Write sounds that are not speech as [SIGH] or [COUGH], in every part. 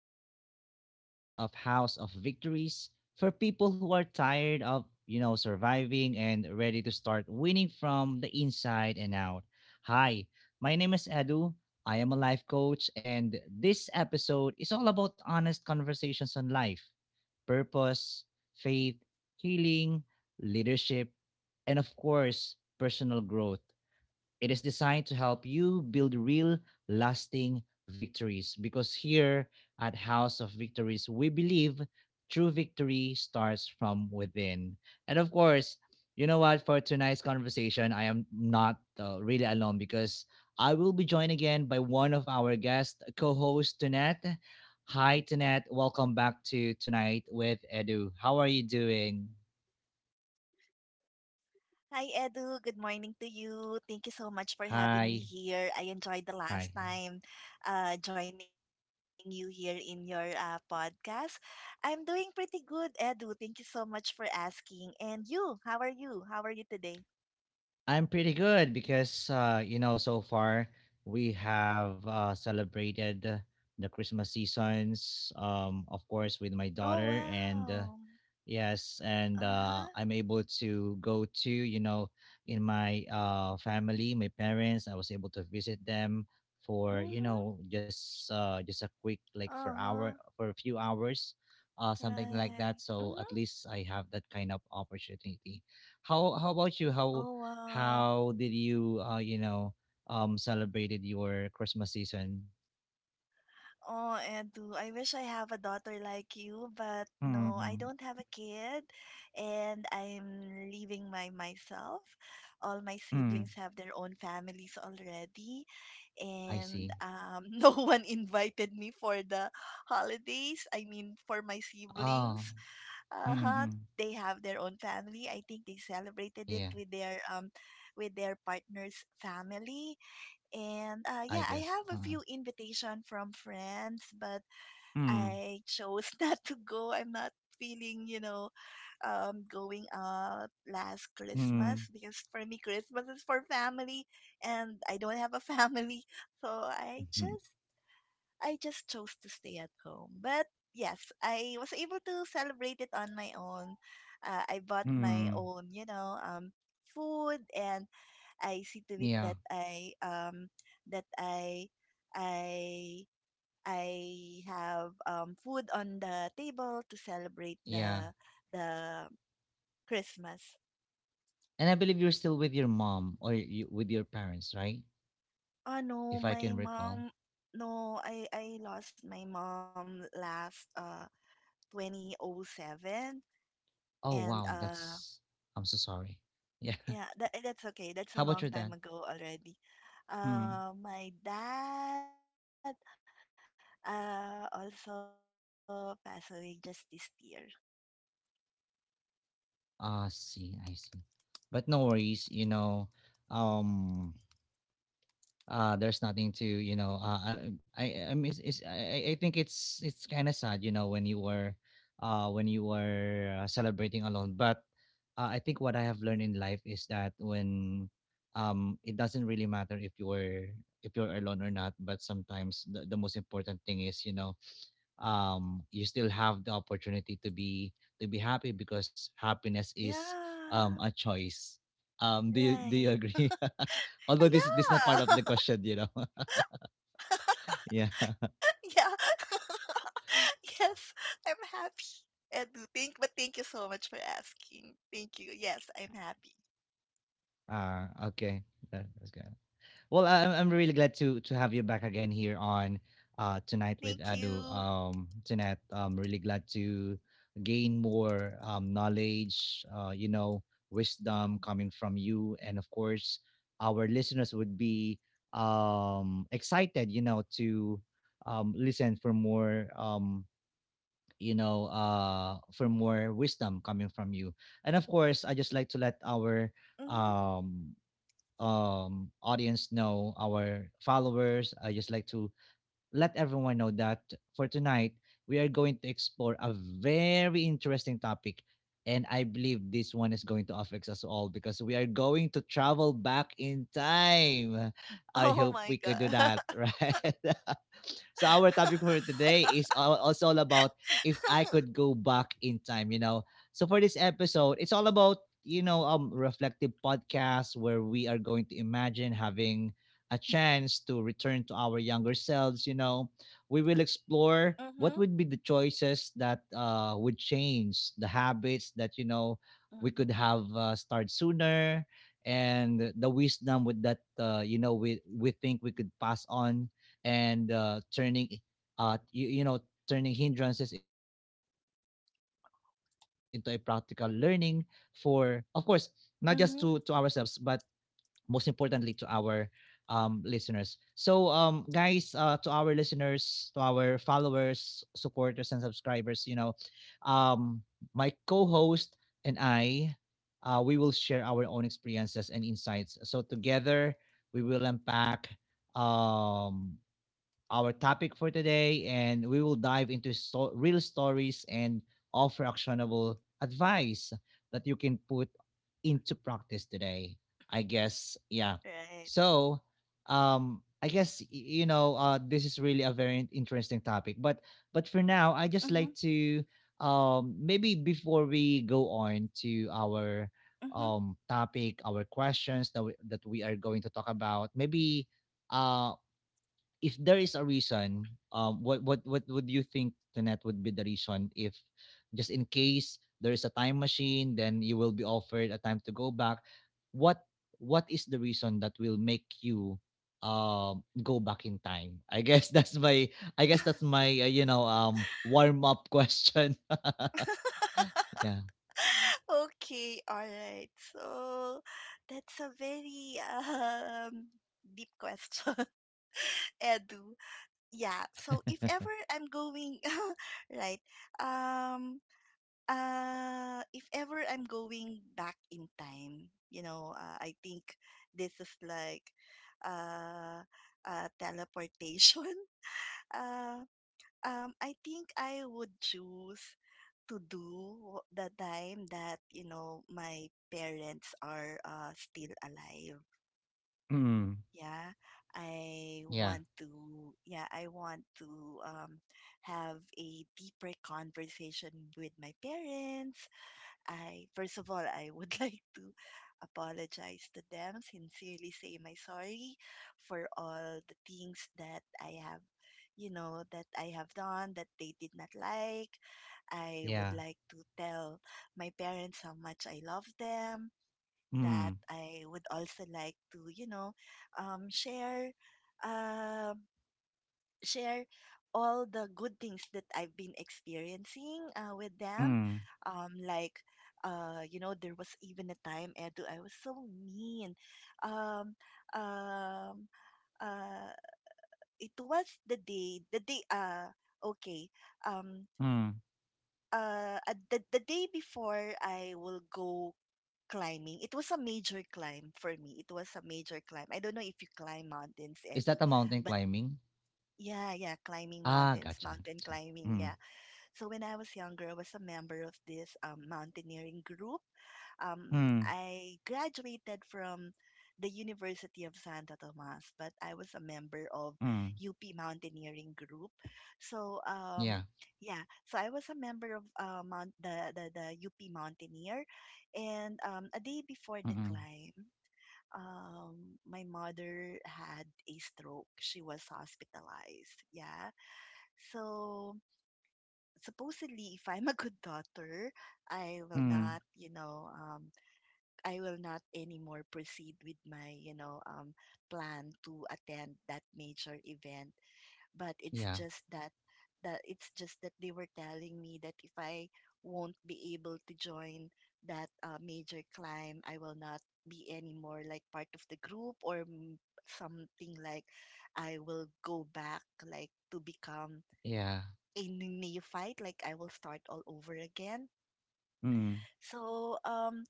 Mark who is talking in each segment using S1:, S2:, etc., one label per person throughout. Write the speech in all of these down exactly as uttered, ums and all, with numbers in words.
S1: Edu, a podcast of House of Victories for people who are tired of, you know, surviving and ready to start winning from the inside and out. Hi, my name is Edu. I am a life coach and this episode is all about honest conversations on life, purpose, faith, healing, leadership, and of course, personal growth. It is designed to help you build real, lasting victories because here at House of Victories, we believe true victory starts from within. And of course, you know what? For tonight's conversation, I am not uh, really alone because I will be joined again by one of our guest co host, Tonette. Hi, Tonette. Welcome back to Tonight with Edu. How are you doing?
S2: Hi, Edu. Good morning to you. Thank you so much for having me here. I enjoyed
S1: Hi.
S2: the last time
S1: Hi. Hi.
S2: uh, joining you here in your uh, podcast. I'm doing pretty good, Edu. Thank you so much for asking. And you, how are you? How are you today?
S1: I'm pretty good because uh, you know, so far we have uh, celebrated the Christmas seasons, um,
S2: Oh,
S1: of course, with my
S2: wow.
S1: daughter, and uh,
S2: Uh huh.
S1: yes, and uh, I'm able to go to, you know, in my uh, family, my parents. I was able to
S2: Mm
S1: visit them
S2: hmm.
S1: for, you know, just
S2: Uh
S1: uh, just a
S2: huh.
S1: quick like for hour for a few hours,
S2: Right.
S1: uh,
S2: Mm
S1: something
S2: hmm.
S1: like that. So at least I have that kind of opportunity. How how
S2: Oh,
S1: about you? How
S2: wow.
S1: how did you uh, you know um celebrated your Christmas season?
S2: Oh, Edu, I wish I have a daughter like you, but no, I don't have
S1: Mm-mm.
S2: a kid, and I'm leaving by myself. All my
S1: Mm.
S2: siblings have their own families already,
S1: I
S2: and
S1: see.
S2: um, [LAUGHS] no one invited me for the holidays. I mean, for my
S1: Oh.
S2: siblings, uh-huh,
S1: Mm-mm.
S2: they have their own family. I think they celebrated it
S1: Yeah,
S2: with their um, with their partner's family and uh, yeah,
S1: I
S2: I
S1: guess.
S2: have a
S1: Uh,
S2: few invitation from friends, but
S1: Mm,
S2: I chose [LAUGHS] not to go. I'm not feeling, you know, um, going out last Christmas
S1: mm,
S2: because for me Christmas is for family, and I don't have a [LAUGHS] family, so I
S1: mhm,
S2: just I just chose to stay at home. But yes, I was able to celebrate it on my own. Uh, I bought my
S1: mm.
S2: own, you know, um, food, and I see to it
S1: Yeah,
S2: that I um that I I I have um food on the table to celebrate
S1: yeah.
S2: the the Christmas.
S1: And I believe you're still with your mom or you, with your parents, right?
S2: Oh no,
S1: If I
S2: my
S1: can recall.
S2: mom no, I I lost my mom last uh twenty oh seven
S1: Oh
S2: and
S1: wow,
S2: uh
S1: that's. I'm so sorry. Yeah.
S2: Yeah, that eh, that's okay.
S1: [LAUGHS]
S2: That's a
S1: How about
S2: long
S1: your
S2: time
S1: dad?
S2: ago already.
S1: Hmm.
S2: Uh, my dad uh also passed away just this year.
S1: Ah, see, I see. But no worries. You know, um, uh there's nothing to you know uh, i um, i i mean it's, it's- I I think it's it's kind of sad, you know, when you were uh when you were uh, celebrating alone, but uh, I think what I have learned in life
S2: Mm-hmm.
S1: is that when um it doesn't really matter if you were if you're alone or not, but sometimes the, the most important thing is, you know, um you still have the opportunity to be to be happy because happiness is um a choice.
S2: Yeah,
S1: um do you do you agree,
S2: right.
S1: [LAUGHS] although this this is not part
S2: Uh,
S1: of the question, you know? [LAUGHS]
S2: Yeah,
S1: yeah.
S2: [LAUGHS] yeah. [LAUGHS] Yes, I'm happy and thank but thank you so much for asking. Thank you. Yes, I'm happy.
S1: uh okay, that, that's good. Well, I- I'm I'm really glad to to have you back again here on uh Tonight with
S2: Thank
S1: Adu.
S2: you.
S1: Um, tonight, I'm really glad to gain more um knowledge, uh, you know, wisdom coming from you, and of course, our listeners would be um excited, you know, to um listen for more um you know uh for more wisdom coming from you. And of course, I just like to let our
S2: Mm-hmm.
S1: um um audience know, our followers, I just like to let everyone know that for tonight we are going to explore a very interesting topic, and I believe this one is going to affect us all because we are going to travel back in time. I
S2: [LAUGHS]
S1: hope
S2: Oh
S1: we could
S2: my
S1: do that, [LAUGHS]
S2: God. [LAUGHS]
S1: right? So our topic for today is all, also all about if I could go back in time, you know. So for this episode, it's all about, you know, um reflective podcast where we are going to imagine having a chance to return to our younger selves, you know. We will explore
S2: Mm-hmm.
S1: what would be the choices that uh would change the habits that, you know, we
S2: Mm-hmm.
S1: could have uh, started sooner, and the wisdom with that uh, you know, we we think we could pass on, and uh, turning uh you, you know, turning hindrances into a practical learning for, of course, not just to to ourselves,
S2: Mm-hmm.
S1: but most importantly to our um listeners. So um guys, uh to our listeners, to our followers, supporters, and subscribers, you know, um my co-host and I, uh, we will share our own experiences and insights, so together we will unpack um our topic for today, and we will dive into sto- real stories and offer actionable advice that you can put into practice today. I
S2: [LAUGHS]
S1: guess,
S2: Right.
S1: yeah. So, um, I guess y- you know, uh, this is really a very in- interesting topic, but but for
S2: Mm-hmm.
S1: now, I just like to um, maybe before we go on to our
S2: Mm-hmm.
S1: um topic, our questions that we, that we are going to talk about. Maybe uh if there is a reason, um, what what what would you think, Tanet, would be the reason if, just in case there is a time machine, then you will be offered a time to go back. What what is the reason that will make you um go back in time? I guess [LAUGHS] that's my I guess that's
S2: [LAUGHS]
S1: my uh, you know, um warm up question. [LAUGHS] yeah.
S2: [LAUGHS] Okay, all right. So that's a very um deep question, [LAUGHS] Edu. Yeah. So if
S1: [LAUGHS]
S2: ever I'm going [LAUGHS] right, um, uh, if ever I'm going back in time, you know, uh, I think this is like, uh, uh, teleportation. [LAUGHS] Uh, um, I think I would choose to do the time that, you know, my parents are uh, still alive.
S1: Mm.
S2: Yeah. I
S1: Yeah.
S2: want to, yeah, I want to um, have a deeper conversation with my parents. I first of all, I would [LAUGHS] like to apologize to them, sincerely say my sorry for all the things that I have, you know, that I have done that they did not like. I would
S1: Yeah.
S2: like to tell my parents how much I love them, that
S1: Mm.
S2: I would also like to, you know, um, share um share all the good things that I've been experiencing uh, with them.
S1: Mm.
S2: Um, like, uh, you know, there was even a time, Edu, I was so mean. Um, um, uh, it was the day, the day, uh, okay, um,
S1: Mm.
S2: uh, uh, the, the day before I will go climbing. It was a major climb for me. It was a major climb. I don't know if you climb mountains,
S1: Is
S2: Edu,
S1: that a mountain
S2: but
S1: climbing?
S2: yeah, yeah, climbing
S1: Ah,
S2: mountains,
S1: gotcha,
S2: mountain
S1: gotcha.
S2: climbing,
S1: Mm.
S2: yeah. So when I was younger, I was a member of this um, mountaineering group. Um,
S1: Mm.
S2: I graduated from the University of Santo Tomas, but I was a member of
S1: Mm,
S2: U P Mountaineering Group. So um,
S1: yeah.
S2: yeah, so I was a member of uh, Mount the, the the U P Mountaineer, and um, a day before the
S1: Mm-mm.
S2: climb. Um, my mother had a stroke. She was hospitalized. Yeah. So supposedly if I'm a good daughter, I will not,
S1: Mm,
S2: you know, um, I will not anymore proceed with my, you know, um, plan to attend that major event. But it's
S1: yeah.
S2: just that that it's just that they were telling me that if I won't be able to join that uh, major climb, I will not be anymore like part of the group or mm, something like I will go back like to become
S1: Yeah.
S2: a n- neophyte, like I will start all over again.
S1: Mm,
S2: So, um,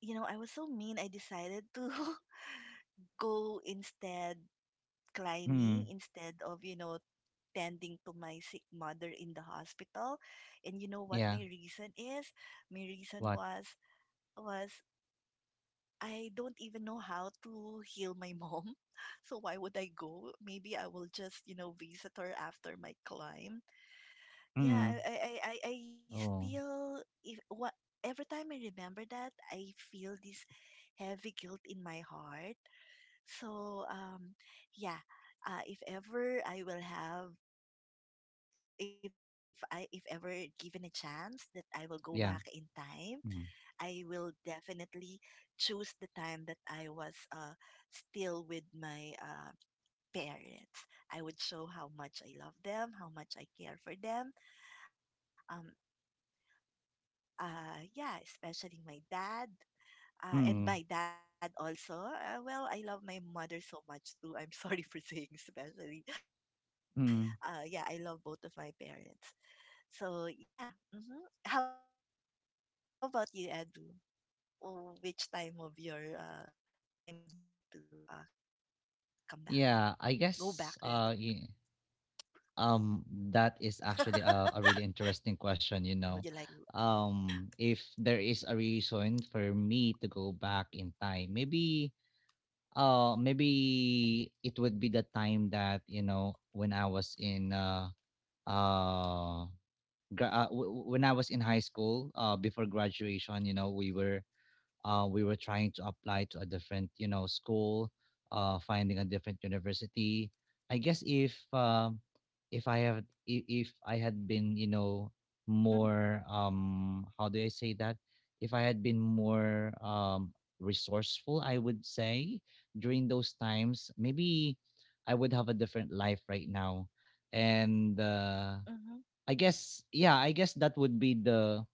S2: you know, I was so mean, I decided to [LAUGHS] go instead climbing
S1: mm,
S2: instead of, you know, tending to my sick mother in the hospital. And you know what my
S1: yeah.
S2: reason is? My reason
S1: What?
S2: was was I don't even know how to heal my mom. [LAUGHS] So why would I go? Maybe I will just, you know, visit her after my climb. Yeah,
S1: Mm,
S2: I I I I I
S1: oh,
S2: still if what every time I remember that, I feel this heavy guilt in my heart. So um yeah, uh, if ever I will have if I if ever given a chance that I will go back in time, I
S1: yeah.
S2: will
S1: Mm,
S2: definitely choose the time that I was uh still with my uh parents. I would show how much I love them, how much I care for them. Um, uh, yeah, especially my dad.
S1: mm,
S2: Uh, and my dad also. Uh, well, I love my mother so much too. I'm sorry [LAUGHS] for saying especially. Uh,
S1: mm.
S2: yeah, I love both of my parents. So yeah. hmm How about you, Edu? Oh, which time of your uh, time would you like to uh, come back? Go back rather.
S1: Yeah, I guess uh y-
S2: Hello.
S1: um that is actually
S2: [LAUGHS]
S1: a, a really interesting question, you know. Um, if there is a reason for me to go back in time, maybe uh maybe it would be the time that, you know, when I was in uh uh gra- uh, w- when I was in high school, uh, before graduation, you know, we were uh, we were trying to apply to a different, you know, school, uh, finding a different university. I guess if um, if I have i- if I had been, you know, more um, how do I say that? If I had been more um, resourceful, I would say, during those times, maybe I would have a different life right now, and uh,
S2: Mm,
S1: I guess, yeah, I guess that would be the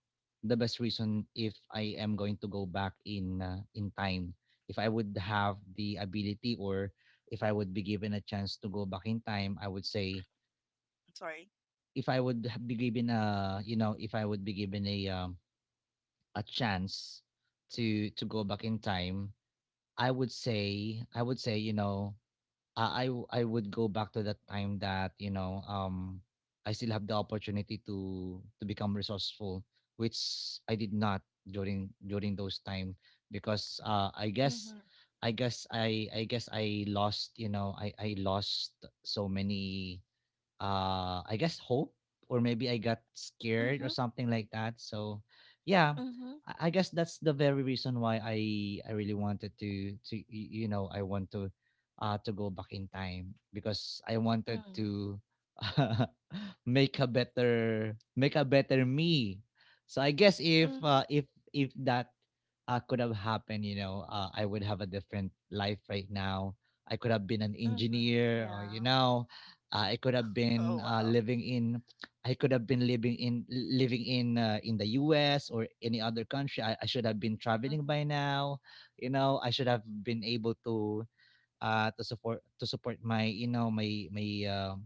S1: the best reason if I am going to go back in uh, in time. If I would have the ability, or if I would be given a chance to go back in time, I would say
S2: sorry.
S1: if I would ha- be given a, you know, if I would be given a um, a chance to to go back in time, I would say I would say, you know, uh, I w- I would go back to that time that, you know, um I still have the opportunity to to become
S2: Mhm,
S1: resourceful, which I did not during during those time, because uh I guess, I guess I I guess I
S2: mhm,
S1: lost, you know, I I lost so many uh I guess, hope, or maybe I got scared or something like that. So yeah,
S2: mhm,
S1: I I guess that's the very reason why I I
S2: mhm,
S1: really wanted to to y- you know, I want to uh to go back in time because I wanted to [LAUGHS] make a
S2: mhm,
S1: better, make a better me. So I guess if uh, if if that uh, could have happened, you
S2: mhm,
S1: know, uh, I would have a different life right now. I could have been an engineer, or, you know, uh, I could have been uh,
S2: mhm.
S1: living in,
S2: Yeah.
S1: I could have been living in
S2: [LAUGHS] Oh
S1: living
S2: wow.
S1: in uh, in the U S or any other country. I, I should have been traveling by now. You know, I should have been able
S2: Mhm,
S1: to uh, to support, to support my, you know, my my uh,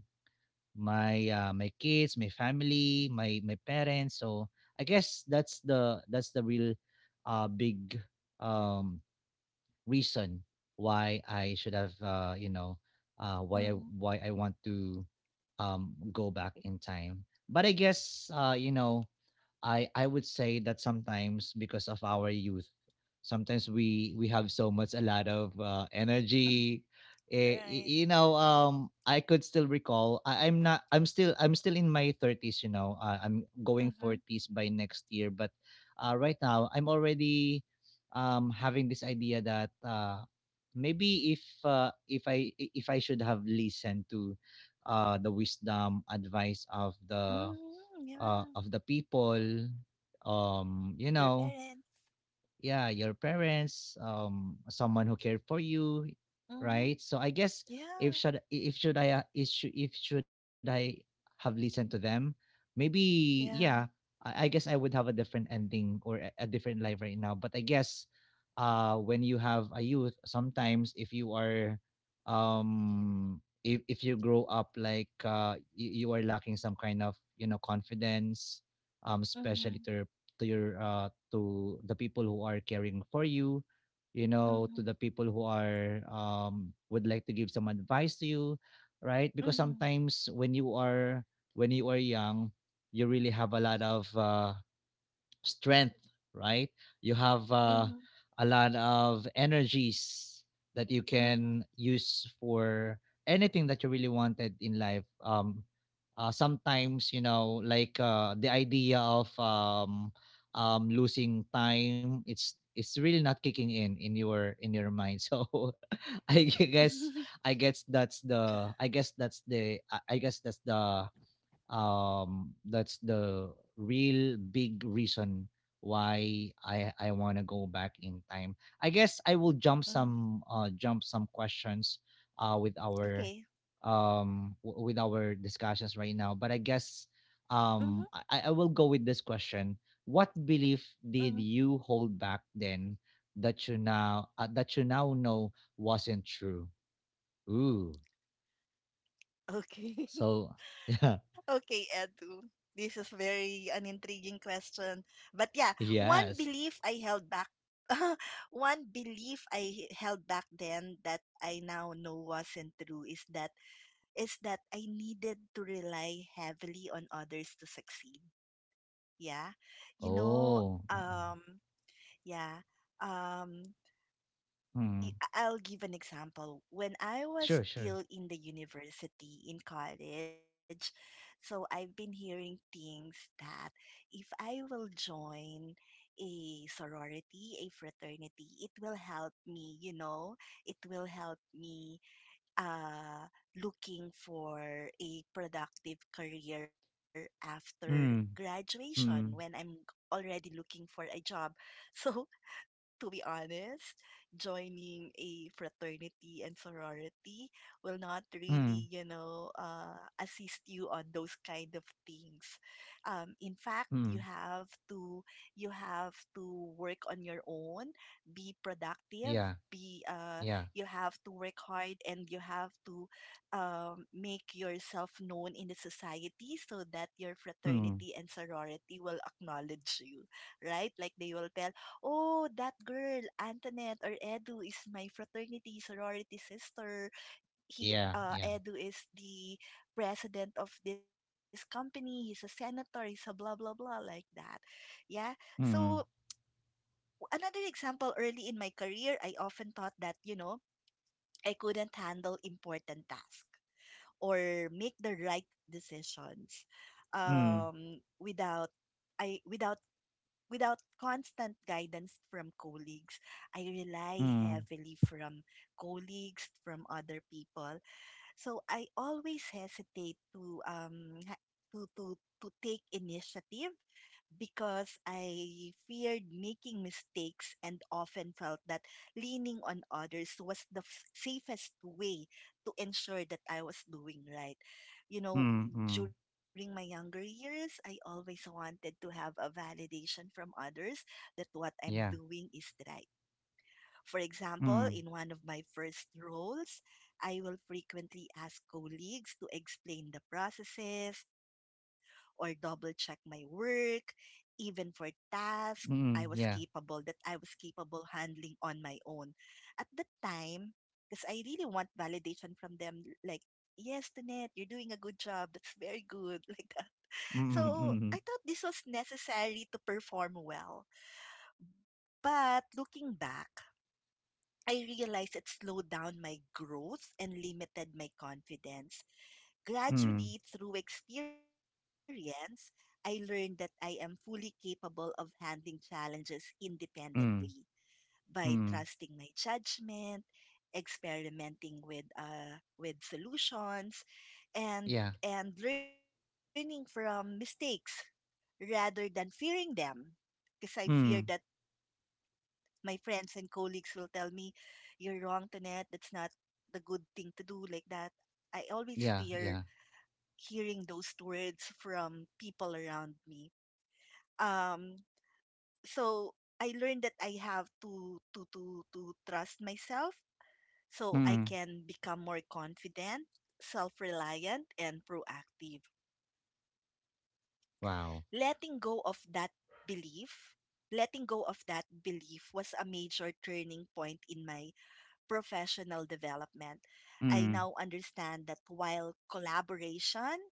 S1: my uh, my kids, my family, my my parents. So I guess that's the that's the real uh, big um, reason why I should have, uh, you know, uh, why I why I want to um, go back in
S2: mhm,
S1: time. But I guess, uh, you know, I I would say that sometimes because of our youth, sometimes we we have so much, a lot of uh, energy.
S2: mhm. [LAUGHS]
S1: Eh, y- you know,
S2: Right.
S1: um, I could still recall. I, I'm not. I'm still. I'm still in my thirties. You know, uh, I'm going forties by
S2: Mhm.
S1: next year. But uh, right now, I'm already um, having this idea that uh, maybe if uh, if I if I should have listened to uh, the wisdom advice of the uh, of
S2: Mhm,
S1: the
S2: yeah.
S1: people, um, you know,
S2: Your parents.
S1: yeah, your parents, um someone who cared for you, right? So I
S2: Mhm.
S1: guess if should, if
S2: Yeah.
S1: should I uh, if should, if should I have listened to them, maybe, yeah,
S2: Yeah.
S1: I, I guess I would have a different ending, or a, a different life right now, but I guess uh when you have a youth, sometimes if you are um if if you grow up like uh you, you are lacking some kind of, you know, confidence, um especially to
S2: Mhm.
S1: to your uh, to the people who are caring for you, you know, to the people who
S2: Mhm.
S1: are um, would like to give some advice to you, right? Because sometimes
S2: Mhm.
S1: when you are when you are young, you really have a lot of uh, strength, right? You have uh,
S2: Mhm.
S1: a lot of energies that you can
S2: Mhm.
S1: use for anything that you really wanted in life. Um, uh, sometimes, you know, like, uh, the idea of, um, um, losing time, it's it's really not kicking in in your in your mind. [LAUGHS] So, I guess I guess that's the I guess that's the I I guess that's the um that's the real big reason why i i want to go back in time. I guess I will jump some
S2: Mhm. [LAUGHS]
S1: uh jump some questions uh with our
S2: Okay.
S1: um w- with our discussions right now, but I guess,
S2: Mhm.
S1: um i i will go with this question. What belief did
S2: Mhm.
S1: you hold back then, that you now uh, that you now know wasn't true? Ooh.
S2: Okay. [LAUGHS]
S1: So, [LAUGHS] yeah.
S2: Okay, Edu. This is very an intriguing question. But yeah, one
S1: Yes.
S2: belief I held back. [LAUGHS] one belief I held back then that I now know wasn't true is that is that I needed to rely heavily on others to succeed. Yeah. You know,
S1: Oh, uh-uh.
S2: um, yeah. Um, y-
S1: Mm.
S2: I'll give an example. When I was
S1: Sure, sure.
S2: still in the university in college, so I've been hearing things that if I will join a sorority, a fraternity, it will help me, you know, it will help me uh, looking for a productive career after
S1: Mm.
S2: graduation when I'm
S1: Mm.
S2: already looking for a job. [LAUGHS] So to be honest, joining a fraternity and sorority will not really, you
S1: Mm.
S2: know, uh, assist you on those kind of things. Um, in fact, you
S1: Mm.
S2: have to you have to work on your own, be productive,
S1: Yeah.
S2: be uh,
S1: Yeah.
S2: you have to work hard, and you have to um, make yourself known in the society so that your
S1: Mm.
S2: fraternity and sorority will acknowledge you, right? Like they will tell, oh, that girl, Antoinette or Edu is my fraternity sorority sister. He,
S1: Yeah.
S2: uh,
S1: Yeah.
S2: Edu is the president of this company. He's a senator. He's a blah, blah, blah, like that. Yeah. So
S1: Mm.
S2: another example early in my career, I often thought that, you know, I couldn't handle important tasks or make the right decisions
S1: Mm.
S2: um, without I without without constant guidance from colleagues. I rely
S1: Mm.
S2: heavily from colleagues, from other people. So I always hesitate to um ha- to to to take initiative because I feared making mistakes and often felt that leaning on others was the f- safest way to ensure that I was doing right. You know,
S1: Mm. Mm.
S2: during my younger years, I always wanted to have a validation from others that what I'm
S1: Yeah.
S2: doing is right. For example, in
S1: Mm.
S2: one of my first roles, I will frequently ask colleagues to explain the processes or double check my work, even for tasks
S1: Mm.
S2: I was
S1: Yeah.
S2: capable that I was handling on my own. At the time, because I really want validation from them, like, yes, Tanet, you're doing a good job. That's very good. [LAUGHS] Like that.
S1: Mm. Mm.
S2: So I thought this was necessary to perform well. But looking back, I realized it slowed down my growth and limited my confidence.
S1: Mm.
S2: Gradually, through experience, I learned that I am fully capable of handling challenges independently
S1: Mm.
S2: by
S1: Mm.
S2: trusting my judgment, experimenting with uh, with solutions,
S1: Yeah.
S2: and and learning from mistakes rather than fearing them. Because I feared that
S1: Mm.
S2: my friends and colleagues will tell me, you're wrong, Tonette. That's not the good thing to do like that. I always
S1: Yeah.
S2: fear
S1: Yeah.
S2: hearing those words from people around me. Um, so I learned that I have to to to to trust myself so I
S1: Mm.
S2: can become more confident, self-reliant, and proactive.
S1: Wow.
S2: Letting go of that belief, Letting go of that belief was a major turning point professional development. I now
S1: Mm.
S2: understand that while collaboration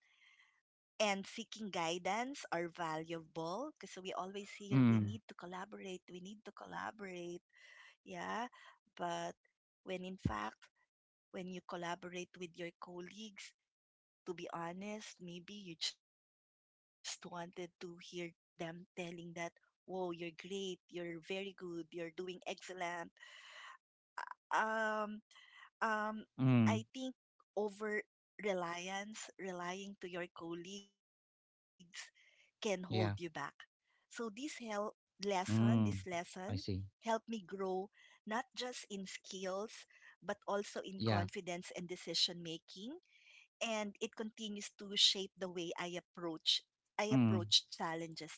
S2: and seeking guidance are valuable, because we always hear we
S1: Mm.
S2: need to collaborate, we need to collaborate, yeah. But when in fact, when you collaborate with your colleagues, to be honest, maybe you just [LAUGHS] wanted to hear them telling that, whoa, you're great, you're very good, you're doing excellent. Um, Um, I think
S1: Mm.
S2: over reliance, relying to your colleagues can hold you back. So
S1: Yeah.
S2: this help lesson, this lesson
S1: Mm.
S2: helped me
S1: I see.
S2: grow not just in skills but also in confidence and
S1: Yeah.
S2: decision making, and it continues to shape the way I approach I approach
S1: Mm.
S2: challenges today.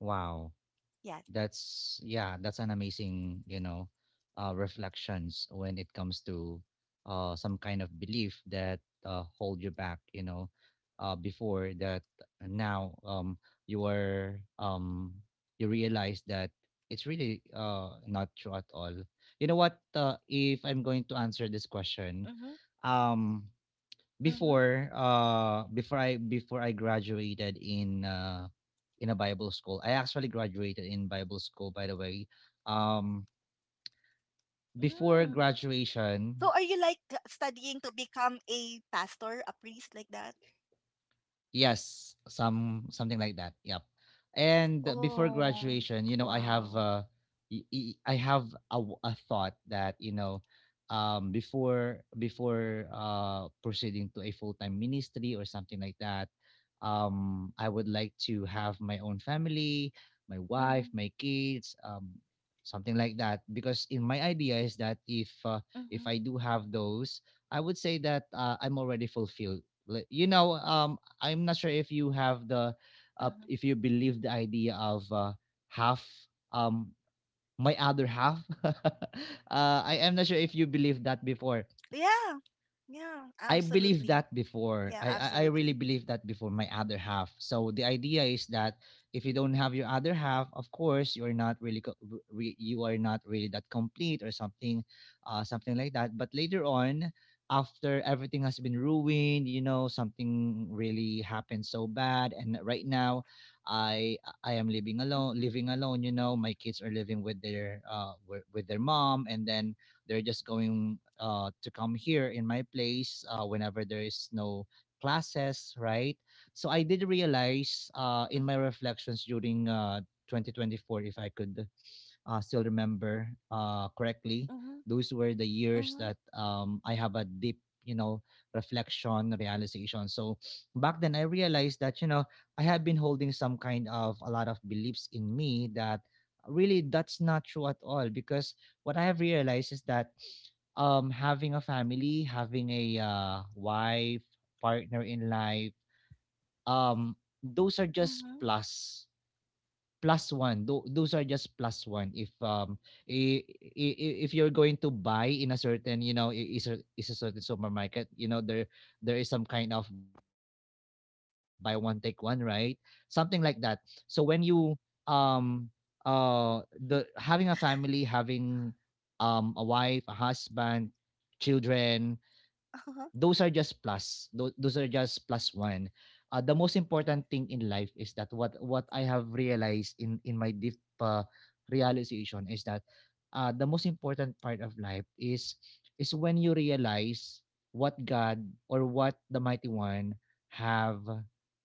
S1: Wow.
S2: Yeah.
S1: that's Yeah, that's an amazing, you know, uh, reflections when it comes to uh, some kind of belief that uh, hold you back, you know, uh, before that. Now, um, you are um, you realize that it's really uh, not true at all. You know what, uh, if I'm going to answer this question,
S2: Mhm.
S1: um
S2: Mhm.
S1: before uh before I before I graduated in uh in a Bible school. I actually graduated in Bible school, by the way. Um
S2: Mm.
S1: Before
S2: So are you like uh,
S1: graduation,
S2: studying to become a pastor, a priest like that?
S1: yes, some something like that. Yep. And before
S2: Oh,
S1: graduation, you know, I
S2: wow.
S1: have uh, y- y- I have a, w- a thought that, you know, um, before before uh, proceeding to a full time ministry or something like that, um, I would like to have my own family, my
S2: Mhm,
S1: wife, my kids, um, something like that. Because, in my idea is that, if uh,
S2: mhm,
S1: if I do have those, I would say that, uh, I'm already fulfilled. Like, you know, um, I'm not sure if you
S2: mhm.
S1: have the uh, if you believe the idea of, uh, half, um my other half. [LAUGHS] uh, I am not sure if you believe that
S2: Yeah,
S1: before.
S2: yeah, absolutely.
S1: I believe that
S2: Yeah,
S1: before. I, I
S2: absolutely.
S1: I really believe that before, my other half. So the idea is that, if you don't have your other half, of course, you're not really co- re, you are not really that complete or something, uh, something like that. But later on, after everything has been ruined, you know, something really happened so bad. And right now, I I am
S2: Mhm,
S1: living alone, living alone. You know, my kids are living with their uh wi- with their mom, and then they're just going, uh, to come here in my place, uh, whenever there is no classes, right? So I did realize, uh, in my reflections during, uh, twenty twenty-four, if I could uh, still remember uh, correctly, those were the
S2: mhm,
S1: years that, um, I
S2: mhm,
S1: have a deep, you know, reflection, realization. So back then, I realized that, you know, I had been holding some kind of, a lot of beliefs in me that really, that's not true at all. Because what I have realized is that, um, having a family, having a uh, wife, partner in life, um, those are
S2: mhm,
S1: just plus plus one tho- those are just plus one. If um i- i- i- if you're going to buy in a certain, you know, i- is a is a certain supermarket, you know, there there is some kind of buy one take one, right, something like that. So when you um uh the having a family, having, um a wife, a husband, children,
S2: uh-huh,
S1: those are just plus those, those are just plus one. Uh, the most important thing in life is that, what what I have realized in in my deep, uh, realization, is that, uh, the most important part of life is is when you realize what God or what the Mighty One have,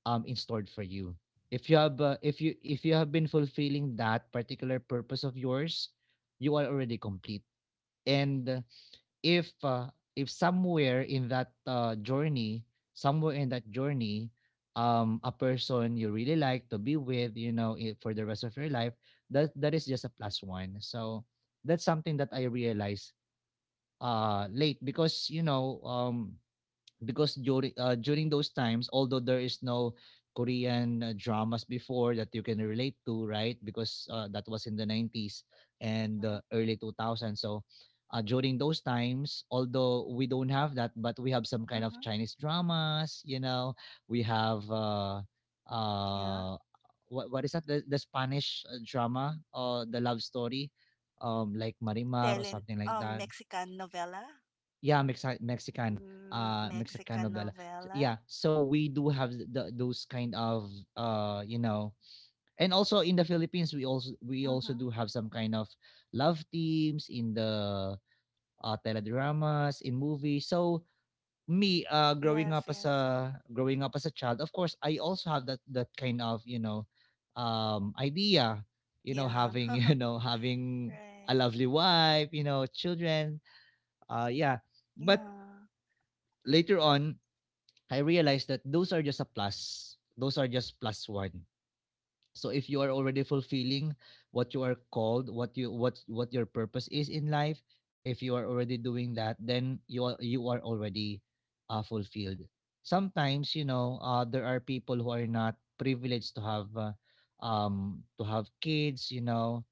S1: um in store for you. If you have uh, if you if you have been fulfilling that particular purpose of yours, you are already complete. And, if uh, if somewhere in that, uh, journey, somewhere in that journey, um, a person you really like to be with, you know, i- for the rest of your life, that that is just a plus one. So that's something that I realized uh, late, because, you know, um, because during, uh, during those times, although there is no Korean, uh, dramas before that you can relate to, right, because uh, that was in the nineties
S2: mhm,
S1: and the early two thousands. So, uh, during those times, although we don't have that, but we have
S2: mhm.
S1: some kind of Chinese dramas, you know, we have uh
S2: Yeah,
S1: uh what, what is that, the, the Spanish uh, drama, uh, the love story, um like
S2: tele
S1: Marimar or something
S2: um
S1: like that.
S2: Mexican novela,
S1: Yeah, Mexi- Mexican,
S2: mm,
S1: uh, Mexican
S2: Mexican
S1: novela. S- Yeah,
S2: novela.
S1: so we do have th- the, those kind of, uh, you know. And also in the Philippines, we also we also do
S2: Mhm.
S1: have some kind of love teams in the uh, teledramas, in movies. So me, uh, growing up as
S2: Yes,
S1: a
S2: yes.
S1: growing up as a child, of course, I also have that that kind of, you know, um, idea, you know, having, [LAUGHS] you
S2: Yeah.
S1: know,
S2: [LAUGHS]
S1: having a lovely
S2: Right.
S1: wife, you know, children. Uh, yeah, but
S2: Yeah.
S1: later on, I realized that those are just a plus. Those are just plus one. So if you are already fulfilling what you are called, what you what what your purpose is in life, if you are already doing that, then you are you are already, uh, fulfilled. Sometimes, you know, uh, there are people who are not privileged to have, uh, um to have kids, you know,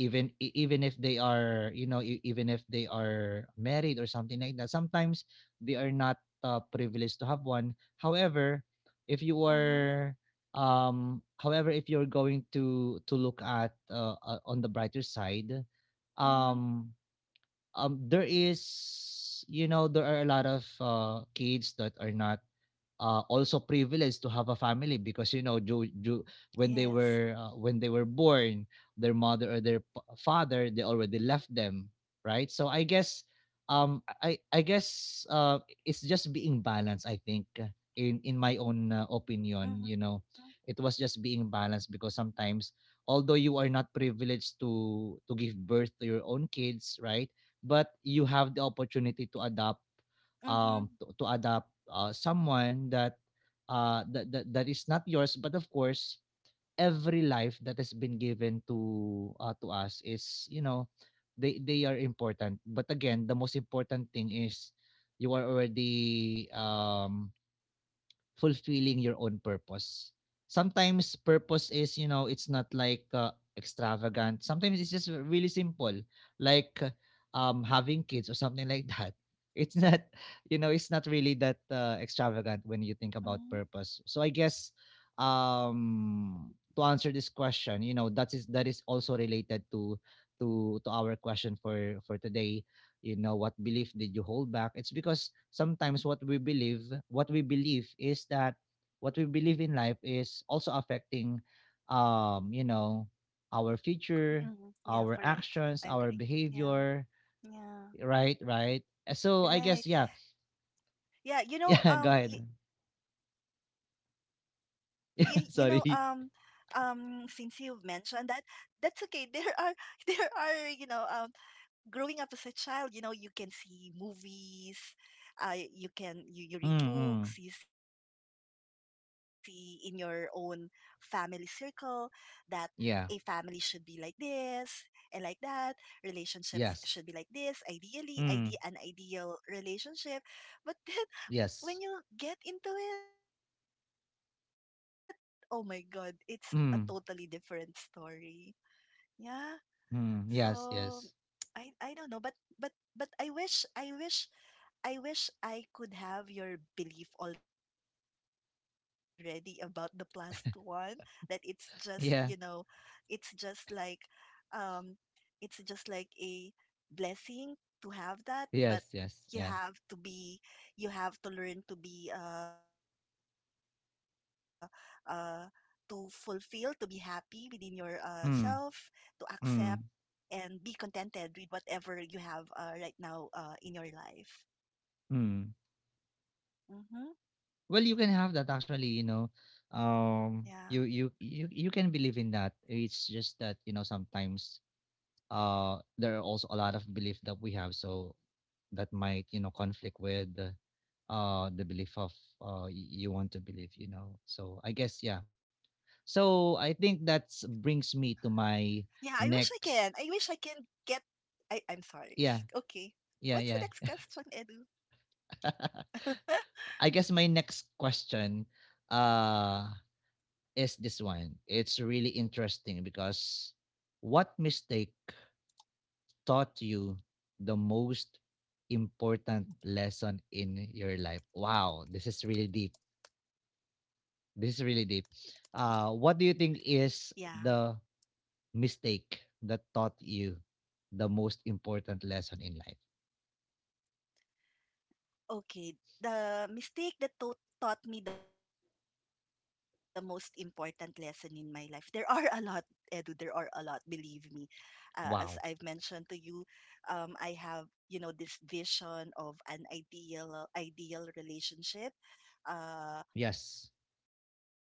S1: even e- even if they are, you know, e- even
S2: Mhm,
S1: if they are married or something like that, sometimes they are not, uh, privileged to have one. However, if you are, Um, however,
S2: mhm,
S1: if you're going to to look at, uh, uh, on the brighter side, um, um, there
S2: mhm.
S1: is, you know, there are a lot of, uh, kids that are not, uh, also privileged to have a family, because, you know, ju- ju- when they were, uh, when they were
S2: Yes.
S1: born, their mother or their p- father, they already left them, right? So, i guess um i i guess uh it's just being balanced, I think, uh, in in my own, uh, opinion, you know. It was
S2: Mhm,
S1: just being balanced, because sometimes, although you are not privileged to to give birth to your own kids, right, but you have the opportunity to adopt,
S2: mhm,
S1: um, to to adopt, uh, someone that, uh, that, that that is not yours. But of course, every life that has been given to uh, to us is, you know, they they are important. But again, the most important thing is, you are already, um, fulfilling your own purpose. Sometimes purpose is, you know, it's not like, uh, extravagant. Sometimes it's just really simple, like, uh, um having kids or something like [LAUGHS] that. It's not, you know, it's not really that, uh, extravagant, when you think
S2: mhm.
S1: about purpose. So I guess, um to answer this question, you know, that is, that is also related to to to our question for for today. You know, what belief did you hold back? It's because, sometimes, what we believe what we believe is that, what we believe in life is also affecting, um you know, our future, our actions, our
S2: Mm, yeah,
S1: behavior,
S2: correct. I agree.
S1: right,
S2: Yeah,
S1: right. Uh, so I
S2: yeah,
S1: guess, yeah. [LAUGHS]
S2: right.
S1: Yeah, go ahead.
S2: Yeah, you know, um, y y you know,
S1: [LAUGHS]
S2: um,
S1: Sorry.
S2: um, since you've mentioned that, that's okay. There are, [LAUGHS] there are, you know, um, growing up as a child, you know, you can see movies, uh, you
S1: Mm-hmm.
S2: can you, you read books, you see in your own family circle that
S1: Yeah.
S2: a family should be like this and like that.
S1: Yes.
S2: Relationships should be like
S1: Mm.
S2: this. Ideally, ide an ideal relationship,
S1: Yes.
S2: but [LAUGHS] then when you get into it, oh my God, it's a totally
S1: Mm.
S2: different story. Yeah.
S1: Mm. Yes, yes,
S2: So I I don't know, but but but I wish I wish I wish I could have your belief already about the plus one that it's just,
S1: yeah.
S2: you know, it's just like um it's just like a blessing
S1: Yes,
S2: to
S1: yes,
S2: have
S1: yeah.
S2: that, but you have to be you have to learn to be uh uh to fulfill, to be happy within your uh
S1: Mm.
S2: self, to
S1: Mm.
S2: accept and be contented with whatever you have uh, right now uh, in your
S1: Mm.
S2: life.
S1: Well, you can have that,
S2: Mm-hmm.
S1: actually, you know.
S2: Yeah.
S1: Um you you you you can believe in that. It's just that, you know, sometimes, uh there are also a lot of belief that we have, so that might, you know, conflict with uh the belief of, uh y- you want to believe, you know. So I guess, yeah. So I think that's brings me to
S2: Yeah,
S1: my
S2: I wish I can. I
S1: next.
S2: wish I can get. I, I'm sorry.
S1: Yeah,
S2: [LAUGHS] Okay.
S1: yeah, yeah.
S2: What's the next question, Edu?
S1: [LAUGHS] I guess my
S2: [LAUGHS]
S1: next question, uh is this one. It's really interesting, because what mistake taught you the most important lesson in your life? Wow, this is really deep. This is really deep. Uh, what do you think is
S2: Yeah.
S1: the mistake that taught you the most important lesson in life?
S2: Okay, the mistake that taught taught me the most important lesson in my life. There are a lot, Edu. There are a lot. Believe me,
S1: Wow.
S2: uh, as I've mentioned to you, um, I have, you know, this vision of an ideal ideal relationship,
S1: Yes.
S2: uh,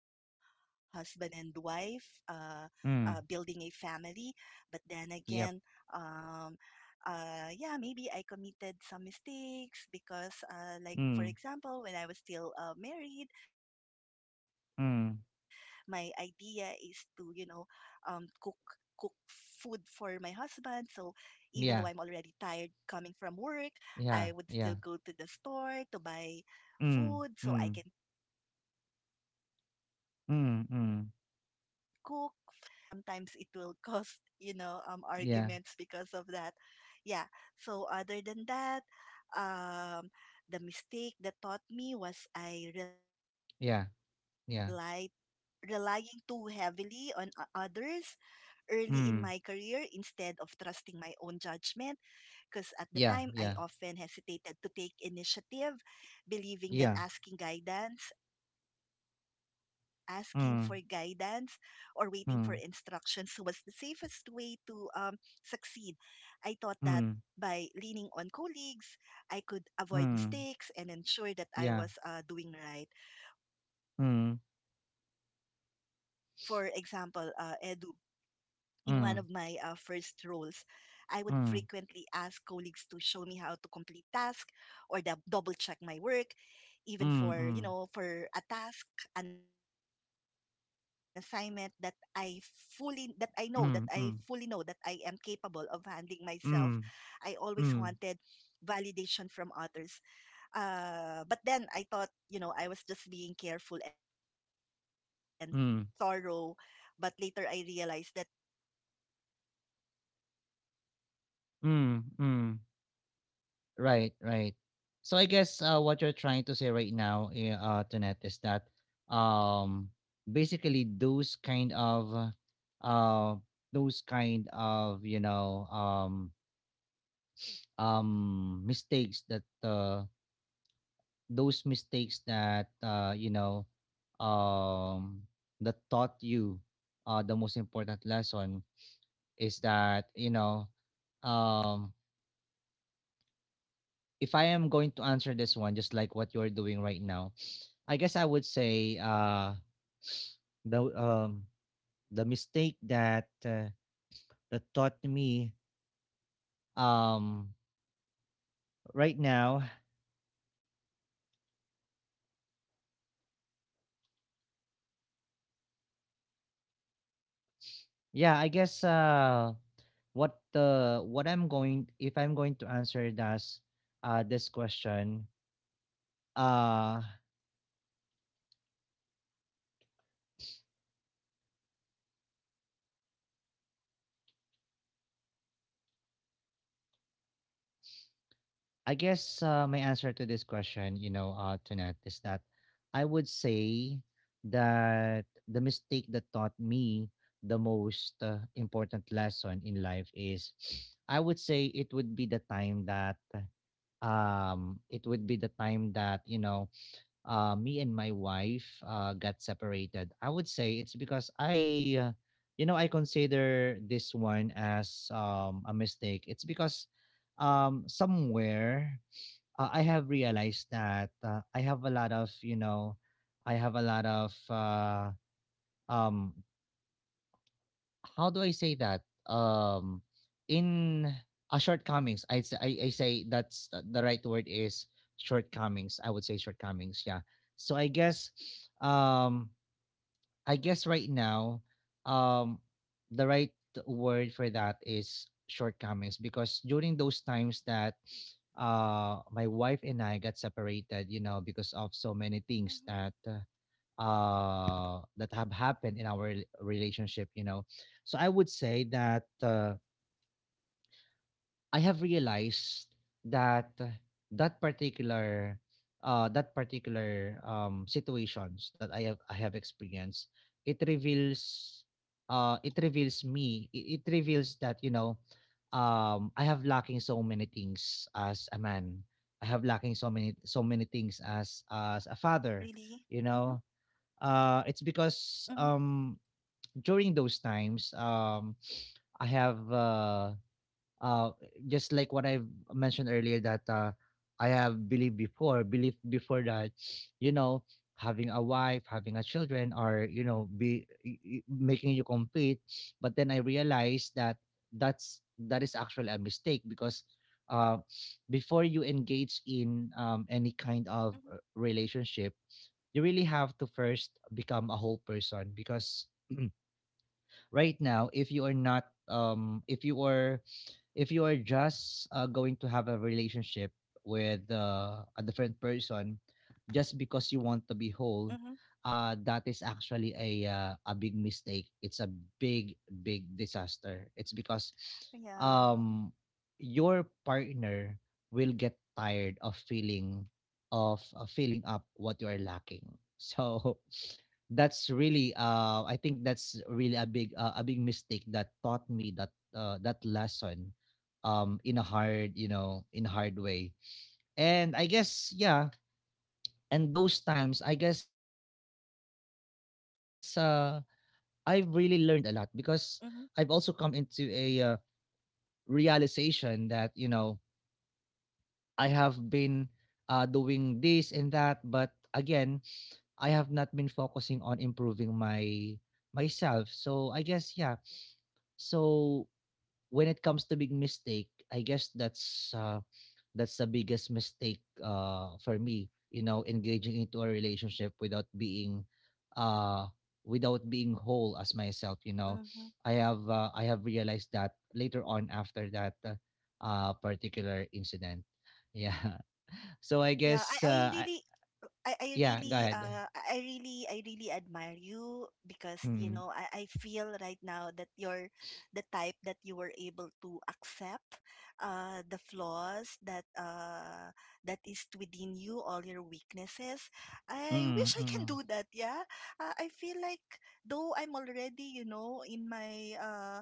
S2: husband and wife, uh,
S1: Mm.
S2: uh, building a family. But
S1: Yep.
S2: then again, um, uh, yeah, maybe I committed some
S1: Mm.
S2: mistakes when I was still uh, married. My idea is
S1: Mm.
S2: to, you know, um, cook cook food for my husband, so even though I'm already tired
S1: Yeah.
S2: coming from work, I would still
S1: Yeah.
S2: go to the
S1: Yeah.
S2: store to buy food so
S1: Mm.
S2: I can
S1: Mm.
S2: cook so my husband can eat. But then it will
S1: Mm.
S2: get me
S1: Mm.
S2: tired, and sometimes it will [LAUGHS] cause, you know, um
S1: Yeah.
S2: arguments because of that. Yeah. So other than that, um the mistake that taught me was I rely
S1: Yeah. Yeah.
S2: relying too heavily on o- others early in
S1: Mm.
S2: my career instead of trusting my own judgment,
S1: Yeah,
S2: because at the
S1: yeah,
S2: time I often hesitated to take initiative,
S1: yeah.
S2: believing that asking guidance, asking for
S1: Mm,
S2: guidance or waiting for
S1: mm,
S2: instructions was the safest way to um, succeed. I thought
S1: mm,
S2: that by leaning on colleagues, I
S1: mm.
S2: could avoid mistakes
S1: Yeah.
S2: and ensure that I was, uh, doing right.
S1: Mm,
S2: For example, uh, Edu, in one of my uh, first
S1: mm,
S2: roles, I would frequently
S1: mm,
S2: ask colleagues to show me how to complete tasks or dub- double check my work, even
S1: mm,
S2: for, you know, for a task, an assignment that I fully, that I know, that I
S1: mm,
S2: fully know
S1: mm,
S2: that I am capable of handling myself.
S1: mm, mm,
S2: I always
S1: mm,
S2: wanted validation from others. Uh, but then I thought, you know, I was just being careful and
S1: mm,
S2: thorough. But later I realized that this over reliance slowed my personal
S1: mm,
S2: growth
S1: mm.
S2: uh, and
S1: Right,
S2: limited my
S1: right. So I
S2: confidence.
S1: guess uh, what you're
S2: I
S1: trying to say
S2: wasn't
S1: right now,
S2: challenging
S1: eh, uh, Tonette,
S2: myself.
S1: is that
S2: I
S1: um
S2: wasn't
S1: basically those
S2: challenging
S1: kind of uh
S2: myself.
S1: those kind of you know
S2: Um,
S1: um um mistakes that uh those mistakes that
S2: I
S1: uh, you
S2: wasn't
S1: know
S2: challenging myself.
S1: um, that taught you uh, the most important lesson is that you know
S2: And
S1: um,
S2: um,
S1: if I am going to answer this one just like what you're doing right now, I
S2: and
S1: guess I would
S2: um
S1: say uh, the um, the mistake that uh, that taught me um, right now, yeah, I guess uh, what the what I'm going if I'm going to answer this uh, this question. Uh, I guess uh, my answer to this question, you know, uh, Tunat, is that I would say that the mistake that taught me the most uh, important lesson in life is, [SNIFFS] I would say it would be the time that um, it would be the time that you know uh, me and my wife uh, got separated. I would say it's because I, uh, you know, I consider this one as um, a mistake. It's because um, somewhere uh, I have realized that uh, I have a lot of, you know, I have a lot of uh, um, how do I say that? Um, in uh, shortcomings. I, s- I I say that's uh, the right word is shortcomings. I would say shortcomings. Yeah. So I guess, um, I guess right now, um, the right word for that is shortcomings because during those times that uh my wife and I got separated, you know, because of so many things
S2: Mm-hmm.
S1: that uh, uh that have happened in our rel- relationship, you know. So I would say that uh, I have realized that uh, that
S2: Mm-hmm.
S1: particular uh that particular um situations that i have i have experienced, it reveals uh it reveals me it, it reveals that you know um I have lacking so many things as a man. I have lacking so many
S2: Really?
S1: so many
S2: Mm-hmm.
S1: things as as a father, you know.
S2: Mm-hmm.
S1: Uh, it's because um, during those times, um, I have uh, uh, just like what I've mentioned earlier that uh, I have believed before, believed before that, you know, having a wife, having a children, or you know, be y- y- making you compete. But then I realized that that's that is actually a mistake because uh,
S2: Mm-hmm.
S1: before you engage in um, any kind of uh, relationship, you really have to first become a whole person. Because right now if you are not um if you are if you are just uh, going to have a relationship with uh, a different person
S2: Mm-hmm.
S1: just because you want to be whole, uh, that is actually a uh, a big mistake. It's a big big disaster. It's because
S2: Yeah.
S1: um your partner will get tired of feeling of uh, filling up what you are lacking. [LAUGHS] So that's really uh i think that's really a big uh, a big mistake that taught me that uh, that lesson um in a hard, you know, in a hard way. And I guess yeah, and those times I guess uh I've really learned a lot because
S2: Mm-hmm.
S1: I've also come into a uh, realization that you know I have been uh doing this and that, but again I have not been focusing on improving my myself. So I guess yeah. So when it comes to big mistake, I guess that's uh, that's the biggest mistake uh, for me. You know, engaging into a relationship without being uh, without being whole as myself. You know,
S2: Mm-hmm.
S1: I have uh, I have realized that later on after that uh, uh, particular incident. Yeah. [LAUGHS] So I
S2: Yeah, I,
S1: guess
S2: I
S1: uh, I,
S2: really I, I
S1: yeah. Go
S2: really
S1: ahead.
S2: uh I really I really admire you, because, you
S1: Mm-hmm.
S2: know, I, I feel right now that you're the type that you were able to accept uh the flaws that uh that is within you, all your weaknesses. I
S1: Mm,
S2: wish I can
S1: mm,
S2: do that. Yeah. uh, I feel like, though I'm already, you know, in my uh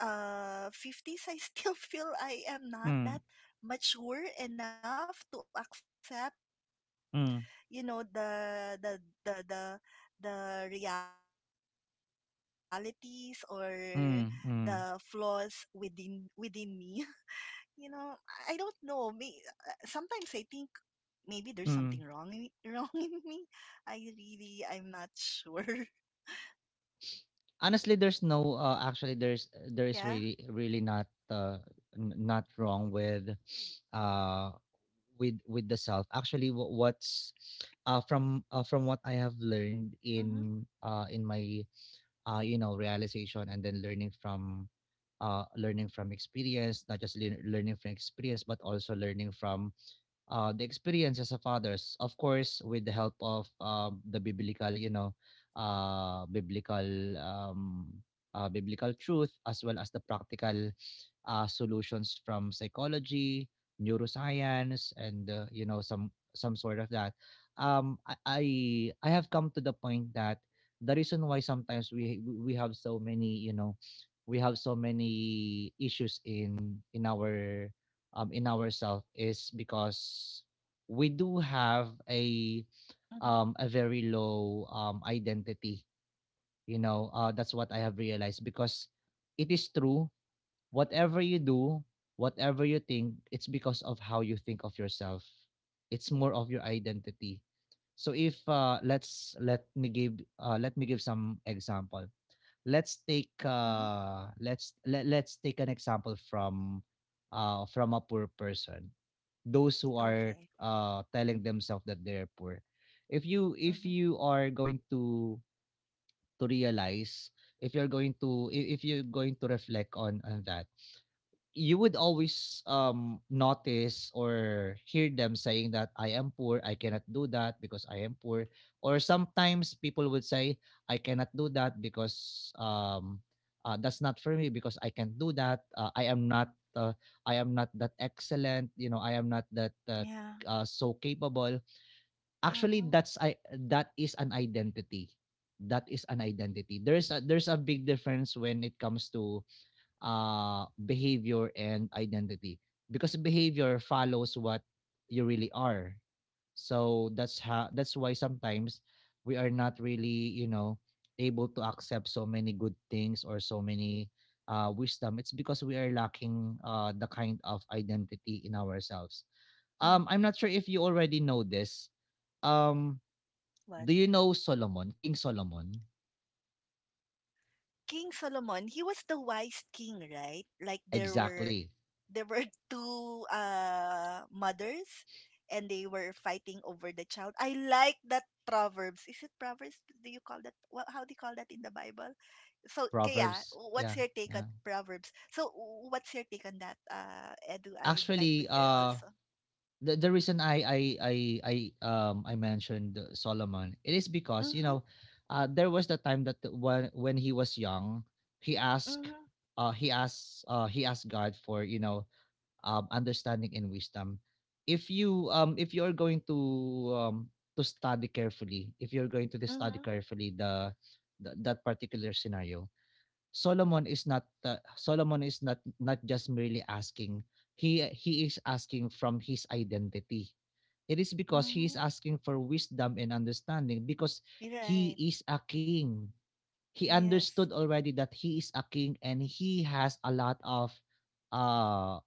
S2: uh, fifties, I still [LAUGHS] feel I am not
S1: mm,
S2: that mature enough to accept,
S1: mm,
S2: you know, the the the the, the realities or the flaws
S1: mm,
S2: within
S1: mm,
S2: within me. [LAUGHS] You know, I don't know. Me Sometimes I think maybe there's something wrong in, [LAUGHS] wrong in
S1: mm.
S2: me. I really I'm not sure. [LAUGHS]
S1: Honestly, there's no uh, actually
S2: Yeah.
S1: there's there is really really not uh, n- not wrong with [SNIFFS] uh with with the self. Actually, wh- what's uh from uh, from what
S2: Mhm.
S1: I have learned in uh in my uh you know realization and then learning from uh learning from experience, not just lear- learning from experience, but also learning from uh, the experiences of others, of course, with the help of um, the biblical, you know, uh, biblical um, uh, biblical truth, as well as the practical uh, solutions from psychology, neuroscience, and uh, you know some some sort of that. Um, I I I have come to the point that the reason why sometimes we we have so many, you know, we have so many issues in in our um, in ourselves is
S2: Mhm.
S1: because we do have a um, a very low um, identity. You know, uh, that's what I have realized because it is true. Whatever you do, whatever you think, it's because of how you think of yourself. It's more of your identity. So if uh, let's let me give uh, let me give some example. Let's
S2: Mhm.
S1: take uh, let's let, let's take an example from uh, from a poor person, those who
S2: Okay.
S1: are uh, telling themselves that they're poor. If you
S2: Mhm.
S1: if you are going to to realize, if you're going to if if you're going to reflect on on that, you would always um notice or hear them saying that I am poor, I cannot do that because I am poor. Or sometimes people would say I cannot do that because um uh, that's not for me because I can't do that. Uh, I am not uh, I am not that excellent, you know, I am not that uh,
S2: Yeah.
S1: uh, so capable. Actually
S2: Mhm.
S1: that's I that is an identity. That is an identity. There's a there's a big difference when it comes to uh, behavior and identity, because behavior follows what you really are. So that's how, that's why sometimes we are not really, you know, able to accept so many good things or so many uh, wisdom. It's because we are lacking uh, the kind of identity in ourselves. um I'm
S2: Mhm.
S1: not sure if you already know this. um
S2: What?
S1: do you know solomon king solomon
S2: King Solomon, he was the wise king, right? Like there were
S1: Exactly.
S2: [LAUGHS] there were two uh mothers and they were fighting over the child. I like that Proverbs. Is it Proverbs? Do you call that wha- how do you call that in the Bible? So, Kaya,
S1: Proverbs, yeah.
S2: what's your take on
S1: Yeah,
S2: Proverbs? So, what's your take on that? Uh, Edu, I'd like to
S1: actually
S2: hear
S1: uh
S2: also.
S1: the, the reason I I I I um I mentioned Solomon, it is because you
S2: Mhm.
S1: know uh, there was the time that when when he was young, he asked
S2: Mhm.
S1: uh he asked uh he asked God for, you know, um understanding and wisdom. If you um if you're going to um to study carefully, if you're going to study
S2: Mhm.
S1: carefully the, the, that particular scenario, Solomon is not uh, Solomon is not not just merely asking. He he is asking from his identity. It is because he is
S2: Mhm.
S1: asking for wisdom and understanding because
S2: You're
S1: he
S2: right.
S1: is a king. He understood
S2: Yes.
S1: already that he is a king and he has a lot of uh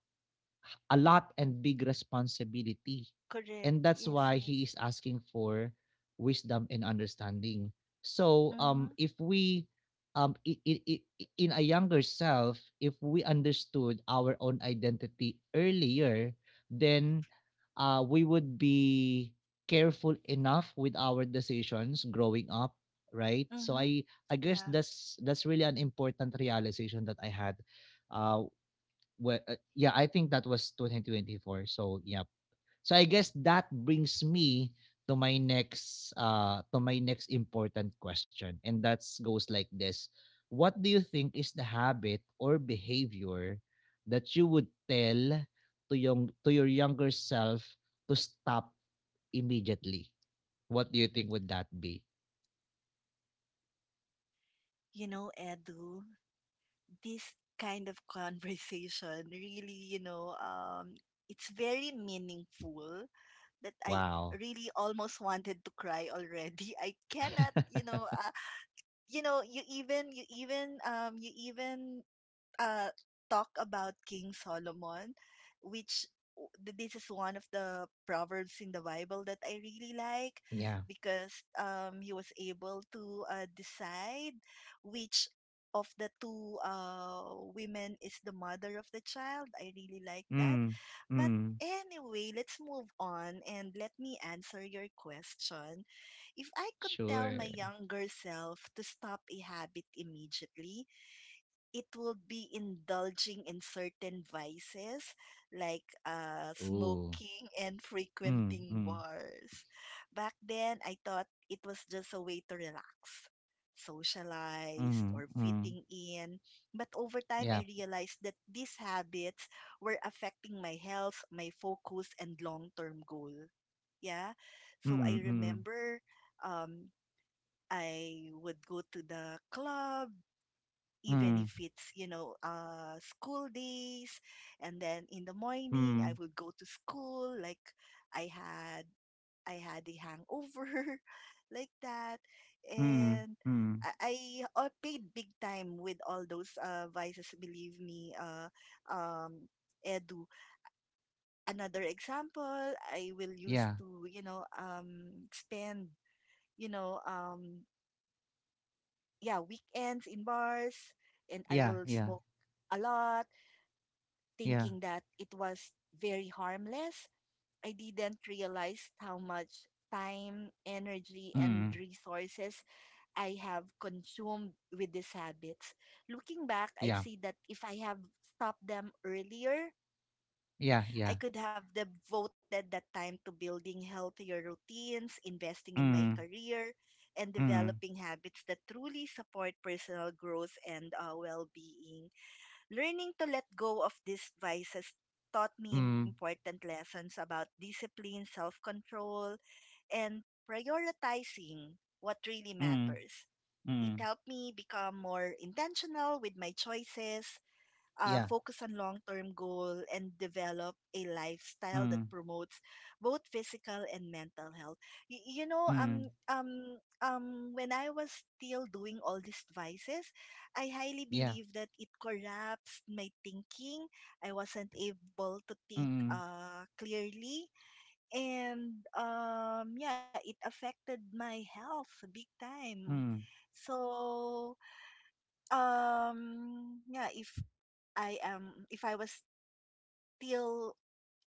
S1: a lot and big responsibility.
S2: Correct.
S1: And that's
S2: Yes,
S1: why
S2: yes.
S1: he is asking for wisdom and understanding. So um,
S2: Mhm.
S1: if we um, i i- i- in a younger self, if we understood our own identity earlier, then uh, we would be careful enough with our decisions growing up, right? So
S2: Mhm.
S1: I I guess
S2: Yeah.
S1: that's that's really an important realization that I had. uh, well, uh, yeah, I think that was twenty twenty-four. So, yeah. So I guess that brings me to my next uh to my next important question, and that goes like this. What do you think is the habit or behavior that you would tell to young to your younger self to stop immediately? What do you think would that be?
S2: You know, Edu, this kind of [LAUGHS] conversation really, you know, um, it's very meaningful that I
S1: Wow.
S2: really almost wanted to cry already. [LAUGHS] I cannot, you know,
S1: [LAUGHS]
S2: uh, you know, you even, you even, um, you even uh, talk about King Solomon, which w- th- this is one of the proverbs in the Bible that I really like,
S1: Yeah.
S2: because um, he was able to uh, decide which of the two uh, women is the mother of the child. I really like that.
S1: Mm.
S2: But
S1: Mm.
S2: anyway, let's move on and let me answer your question. If I could tell my
S1: Sure.
S2: younger self to stop a habit immediately, it will be indulging in certain vices like, uh,
S1: Ooh.
S2: smoking and [LAUGHS]
S1: Mm.
S2: frequenting
S1: Mm.
S2: bars. Back then, I thought it was just a way to relax, socialize, or
S1: Mhm, mm.
S2: fitting in. But over time, I
S1: Yeah.
S2: realized that these habits were affecting my health, my focus, and long term goal. Yeah. So I
S1: Mm, mm.
S2: remember, um, I would go to the club even if
S1: Mm,
S2: it's, you know, uh school days, and then in the morning I
S1: mm,
S2: would go to school like i had I had a hangover [LAUGHS] like that,
S1: mm,
S2: and
S1: mm.
S2: i, I uh, paid big time with all those uh vices, believe me. uh um Edu, another example, I will use
S1: Yeah.
S2: to, you know, um spend, you know, um yeah, weekends in bars, and I
S1: Yeah,
S2: will
S1: yeah,
S2: smoke a lot,
S1: yeah.
S2: thinking that it was very harmless. I didn't realize how much time, energy, and
S1: Mm.
S2: resources I have consumed with these habits. Looking back, I
S1: Yeah.
S2: see that if I have stopped them earlier,
S1: Yeah,
S2: I
S1: yeah.
S2: could have devoted that time to building healthier routines, investing in my
S1: Mm,
S2: career, and
S1: mm,
S2: developing habits that truly support personal growth and, uh, well being. Learning to let go of these vices taught me
S1: mm,
S2: important lessons about discipline, self control, and prioritizing what really
S1: mm,
S2: matters. It
S1: mm.
S2: helped me become more intentional with my choices, uh,
S1: Yeah.
S2: focus on long term goal, and develop a lifestyle that
S1: Mm,
S2: promotes both physical and mental health. Y- you know,
S1: mm.
S2: um, um, um, when I was still doing all these vices, I highly
S1: Yeah.
S2: that it collapsed my thinking. I wasn't able to think
S1: Mm,
S2: uh, clearly. And um, yeah, it affected my health big time.
S1: mm.
S2: So, um, yeah, if I am if I was still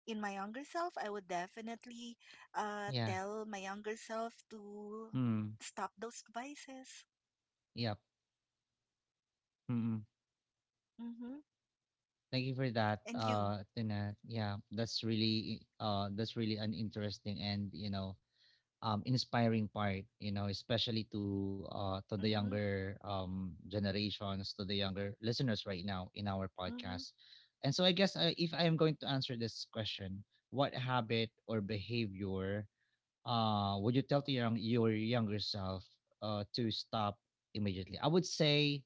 S2: in my younger self, I would definitely uh
S1: Yeah.
S2: tell my younger self to
S1: Mm.
S2: stop those vices.
S1: Yep. Mm.
S2: Mhm.
S1: Thank you for that,
S2: And you.
S1: uh, Tina. Yeah, that's really, uh, that's really an interesting and, you know, um, inspiring part, you know, especially to uh, to the
S2: Mhm.
S1: younger um, generations, to the younger listeners right now in our
S2: Mhm.
S1: podcast. And so, I guess uh, if I am going to answer this question, what habit or behavior uh, would you tell to your, your younger self uh, to stop immediately? I would say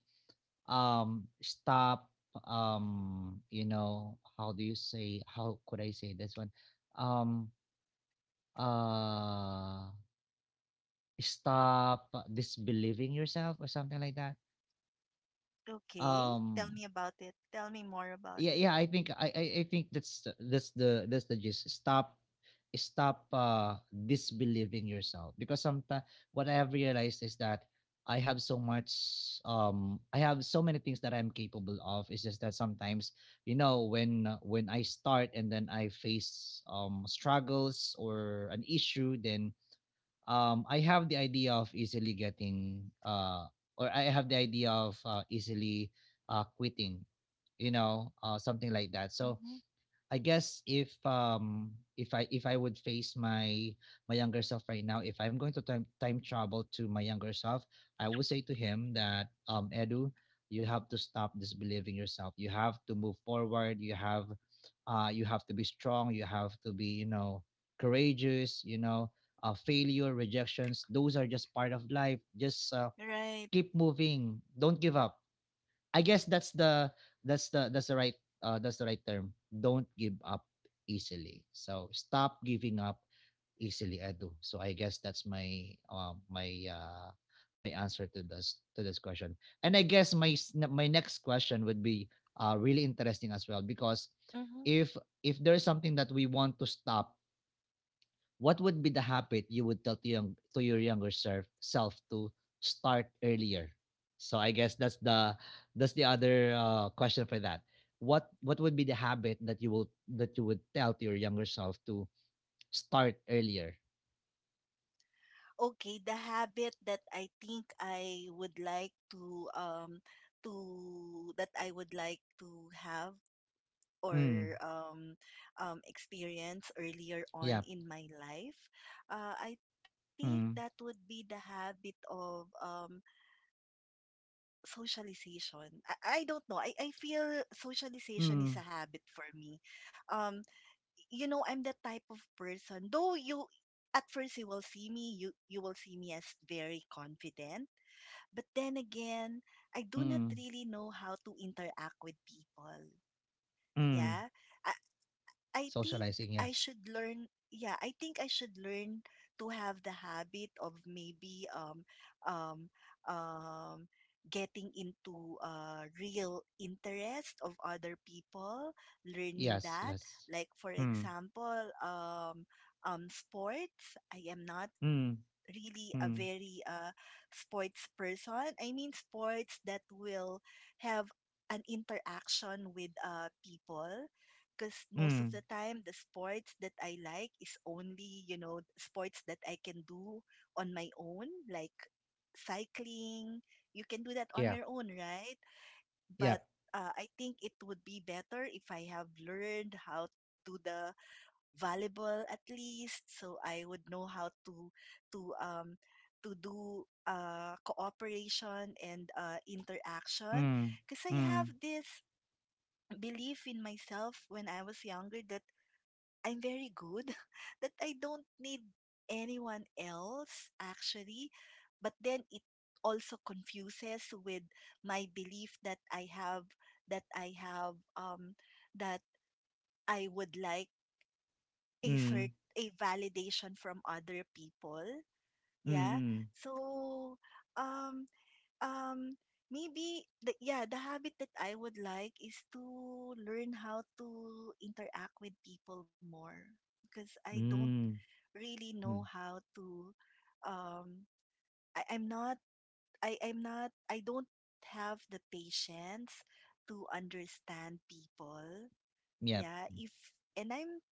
S1: um, stop. Um, you know, how do you say? How could I say this one? Um, uh stop disbelieving yourself or something like that.
S2: Okay. Tell
S1: Um,
S2: me about it. Tell me more about
S1: yeah,
S2: it.
S1: yeah, I think I, I, I think that's the- that's the that's the gist. Stop stop uh disbelieving yourself, because sometimes what I have realized is that I have so much um I have so many things that I'm capable of. It's just that sometimes, you know, when uh, when I start and then I face um struggles or an issue, then um, I have the idea of easily getting uh, or I have the idea of uh, easily uh, quitting, you know, uh, something like that. So
S2: Mhm.
S1: I guess if um if I if I would face my my younger self right now, if I'm going to time time travel to my younger self, I would say to him that um Edu, you have to stop disbelieving yourself. You have to move forward. You have uh you have to be strong. You have to be, you know, courageous, you know, uh failure, rejections, those are just part of life. Just uh,
S2: Right.
S1: keep moving. Don't give up. I guess that's the that's the that's the right uh that's the right term. Don't give up easily. So stop giving up easily, Edu. So I guess that's my uh, my uh my answer to this to this question. And I guess my my next question would be uh really interesting as well because
S2: Mhm.
S1: if if there's something that we want to stop, what would be the habit you would tell to, young, to your younger self self to start earlier? So I guess that's the that's the other uh, question for that. What what would be the habit that you will that you would tell to your younger self to start earlier?
S2: Okay, the habit that I think I would like to um to that I would like to have
S1: Mm.
S2: or um, um, experience earlier on
S1: Yeah.
S2: in my life, uh, I think that would
S1: Mm.
S2: be the habit of, um, socialization. I, I don't know. I, I feel socialization is a
S1: Mm.
S2: habit for me. Um, you know, I'm the type of person, though you at first, you will see me you you will see me as very confident, but then again, I do not
S1: Mm.
S2: really know how to interact with people. Yeah.
S1: Mm.
S2: I think
S1: Socializing,
S2: I
S1: yeah.
S2: should learn yeah, I think I should learn to have the habit of maybe, um um um getting into uh real interest of other people, learning
S1: Yes,
S2: that.
S1: yes.
S2: Like for
S1: Mm.
S2: example, um um sports. I am not
S1: Mm.
S2: really a
S1: Mm.
S2: very, uh, sports person. I mean, sports that will have an interaction with, uh, people. Because most of the
S1: Mm.
S2: time, the sports that I like is only, you know, sports that I can do on my own, like cycling. You can do that on your
S1: Yeah,
S2: own, right? But
S1: yeah.
S2: uh, I think it would be better if I have learned how to do the Valuable, at least so I would know how to to um to do uh cooperation and uh interaction,
S1: Mm.
S2: because I have
S1: Mm.
S2: this belief in myself when I was younger that I'm very good [LAUGHS] that I don't need anyone else actually, but then it also confuses with my belief that I have, that I have um that I would like a cert
S1: Mm.
S2: a validation from other people.
S1: Mm.
S2: Yeah.
S1: Mm.
S2: So um um maybe the yeah the habit that I would like is to learn how to interact with people more, because I don't
S1: Mm.
S2: really know
S1: Mm.
S2: how to. um I, I'm not I I'm not I don't have the patience to understand people.
S1: Yeah.
S2: Yeah. if and i'm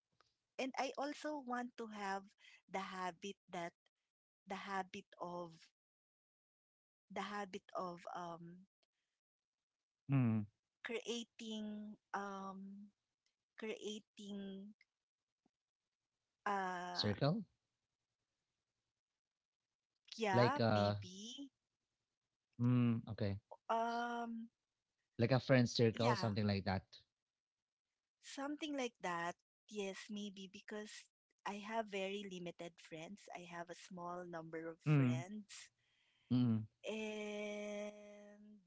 S2: and I also want to have the habit that, the habit of the habit of um
S1: Mm.
S2: creating um creating, uh
S1: Circle?
S2: yeah
S1: Like uh
S2: maybe,
S1: Mm. Okay.
S2: um
S1: Like a friend circle,
S2: yeah
S1: something like that.
S2: something like that. Yes, maybe because I have very limited friends, I have a small number of
S1: Mm.
S2: friends.
S1: Mm.
S2: And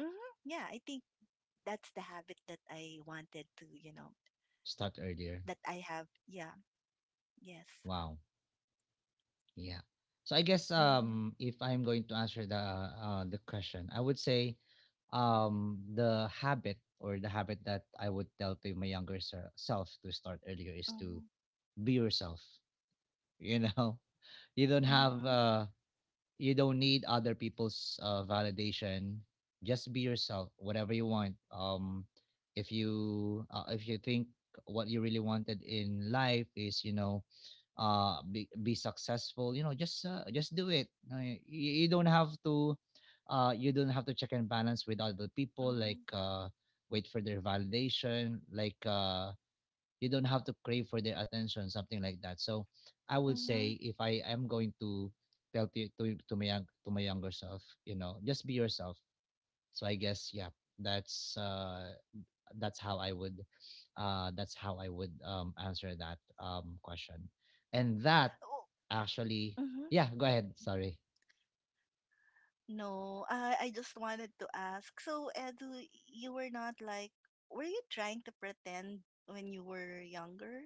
S2: mhm, yeah, I think that's the habit that I wanted to you know
S1: Start earlier.
S2: that I have. Yeah. Yes.
S1: Wow. Yeah. So I guess
S2: Mhm.
S1: um if I'm going to answer the uh the question, I would say um the habit or the habit that I would tell to my younger se- self to start earlier is to
S2: Mhm.
S1: be yourself. You know, [LAUGHS] you don't have
S2: Mhm.
S1: uh you don't need other people's uh, validation. Just be yourself, whatever you want. Um if you uh, if you think what you really wanted in life is, you know, uh be, be successful, you know, just uh, just do it. Uh, you, you don't have to uh you don't have to check and balance with other people,
S2: Mhm.
S1: like uh, wait for their validation, like uh, you don't have to crave for their attention, something like that. So I would
S2: Mhm.
S1: say if I am going to tell to to, my young, to my younger self, you know, just be yourself. So I guess yeah, that's uh that's how I would uh that's how I would um answer that um question. And that
S2: Oh.
S1: actually
S2: Mhm.
S1: Yeah, go ahead, sorry.
S2: No. I I just wanted to ask. So, Edu, you were not like, were you trying to pretend when you were younger?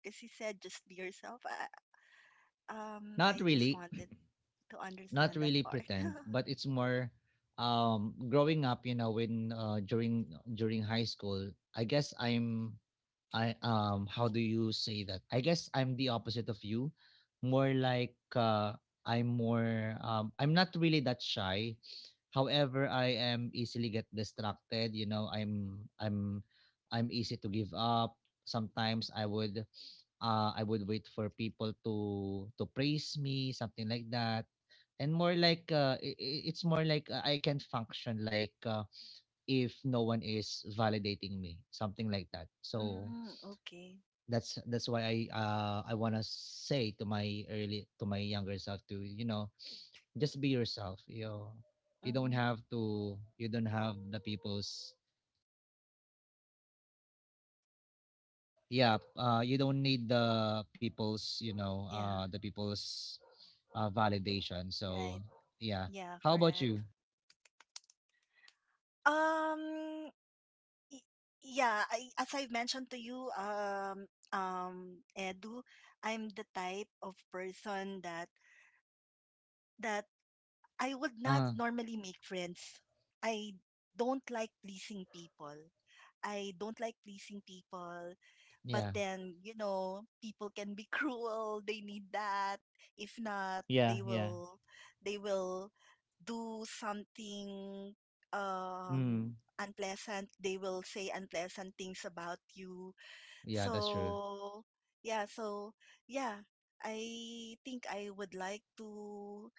S2: Because you said just be yourself. I, um,
S1: Not
S2: I just
S1: really.
S2: wanted to
S1: Not
S2: understand that
S1: really
S2: part. [LAUGHS]
S1: pretend, but it's more um growing up, you know, when uh during during high school, I guess I'm I um how do you say that? I guess I'm the opposite of you. More like uh I'm more um I'm not really that shy. However, I am easily get distracted, you know, I'm I'm I'm easy to give up. Sometimes I would uh, I would wait for people to to praise me, something like that. And more like uh, i- i- it's more like uh, I can function like uh, if no one is validating me, something like that. So
S2: Mhm. Okay.
S1: that's that's why I uh, I wanna say to my early to my younger self to, you know, just be yourself. You know, you don't
S2: Mhm.
S1: have to you don't have the people's yeah uh you don't need the people's, you know,
S2: Yeah,
S1: uh the people's uh validation.
S2: right.
S1: So yeah,
S2: Yeah,
S1: how about
S2: correct.
S1: you?
S2: Um, Y- yeah, I, as I've mentioned to you, um, um, Edu, I'm the type of person that, that I would not
S1: Uh
S2: normally make friends. I don't like pleasing people. I don't like pleasing people. But
S1: yeah.
S2: then, you know, people can be [LAUGHS] cruel. They need that. If not, they
S1: Yeah, yeah.
S2: will, they will do something um
S1: Mm.
S2: unpleasant. They will say unpleasant things about you.
S1: Yeah, that's true.
S2: So, yeah, so yeah, I think I would like to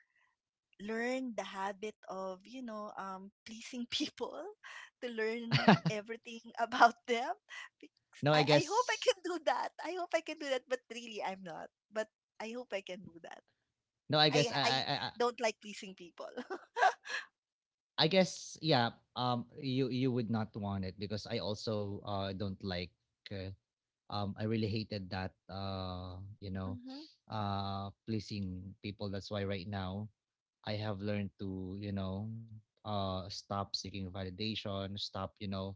S2: learn the habit of, you know, um, pleasing people, [LAUGHS] to learn
S1: [LAUGHS]
S2: everything [LAUGHS] about them. Because
S1: No,
S2: I,
S1: I
S2: I hope I
S1: guess
S2: can do that. I hope I can do that, but really I'm not, but I hope I can do that.
S1: No, i
S2: I
S1: guess i i
S2: I
S1: i, I
S2: don't like pleasing people. [LAUGHS]
S1: I guess, yeah, um you you would not want it because I also uh don't like uh, um I really hated that, uh, you know,
S2: Mm-hmm.
S1: uh pleasing people. That's why right now I have learned to, you know, uh stop seeking validation, stop, you know,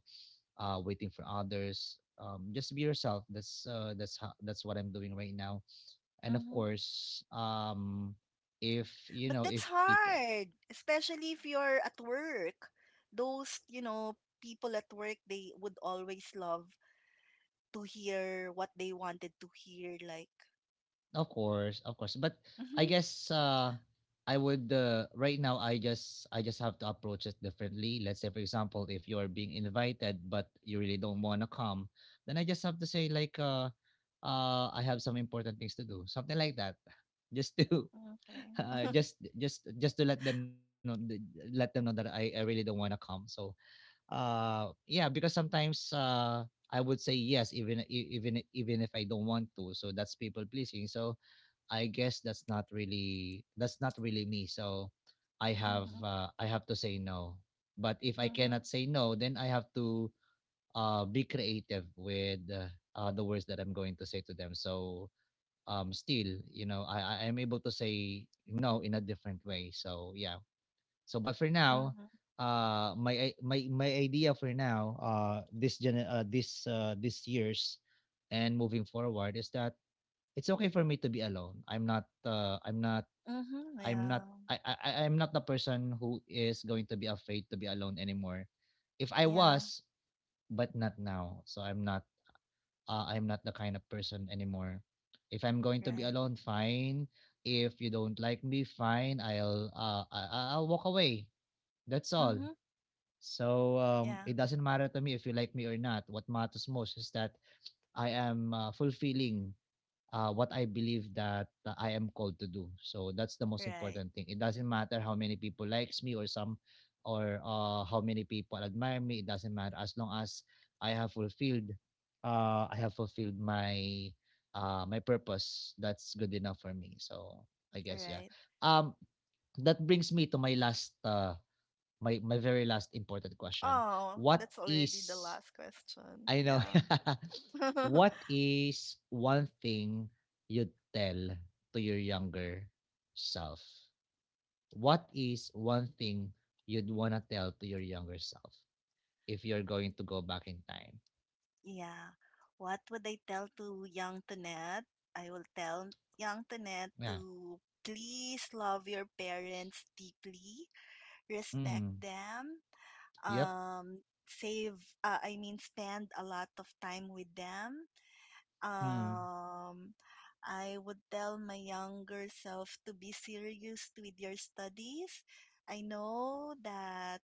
S1: uh waiting for others. Um just be yourself. That's uh that's how that's what I'm doing right now. And of
S2: Mm-hmm.
S1: course um if you
S2: But
S1: know
S2: that's
S1: if people
S2: hard, especially if you're at work. Those, you know, people at work, they would always love to hear what they wanted to hear, like
S1: Of course, of course. But I
S2: [LAUGHS]
S1: guess uh I would uh, right now I just I just have to approach it differently. Let's say for example, if you are being invited but you really don't want to come, then I just have to say like uh uh I have some important things to do. Something like that. [LAUGHS] Just to [LAUGHS] uh,
S2: okay.
S1: just just just to let them know th- let them know that I, I really don't want to come. So uh yeah, because sometimes uh I would say yes even i- even even if I don't want to. So that's people pleasing. So I guess that's not really that's not really me. So I have
S2: [LAUGHS]
S1: uh, I have to say no. But if I cannot
S2: Mm-hmm.
S1: say no, then I have to uh, be creative with uh, uh, the words that I'm going to say to them. So um, still, you know, I I am able to say no in a different way. So yeah. So but for now,
S2: Mm-hmm.
S1: uh, my i- my my idea for now, uh, this gen uh, this uh, this years, and moving forward is that it's okay for me to be alone. I'm not uh, I'm not
S2: Mm-hmm.
S1: I'm
S2: Yeah.
S1: not I, I I'm not the person who is going to be afraid to be alone anymore. If I
S2: Yeah.
S1: was, but not now. So I'm not uh, I'm not the kind of person anymore. If I'm going to
S2: Right.
S1: be alone, fine. If you don't like me, fine. I'll uh I, I'll walk away. That's all.
S2: Mm-hmm.
S1: So um,
S2: Yeah.
S1: it doesn't matter to me if you like me or not. What matters most is that I am uh, fulfilling uh, what I believe that uh, I am called to do. So that's the most
S2: Right.
S1: important thing. It doesn't matter how many people likes me or some or uh, how many people admire me. It doesn't matter as long as I have fulfilled uh, I have fulfilled my uh, my purpose. That's good enough for me. So I guess yeah.
S2: Right.
S1: Um, that brings me to my last uh, my my very last important question.
S2: Oh,
S1: What
S2: that's already the
S1: is
S2: last question.
S1: I know.
S2: Yeah.
S1: [LAUGHS]
S2: [LAUGHS]
S1: What is one thing you'd tell to your younger self? What is one thing you'd want to tell to your younger self if you're going to go back in time?
S2: Yeah. What would I tell to young Tanet? I will tell young Tanet
S1: Yeah.
S2: to please love your parents deeply, respect
S1: Mm.
S2: them,
S1: Yep.
S2: um, save uh, I mean spend a lot of time with them.
S1: Mm.
S2: Um, I would tell my younger self to be serious with your studies. I know that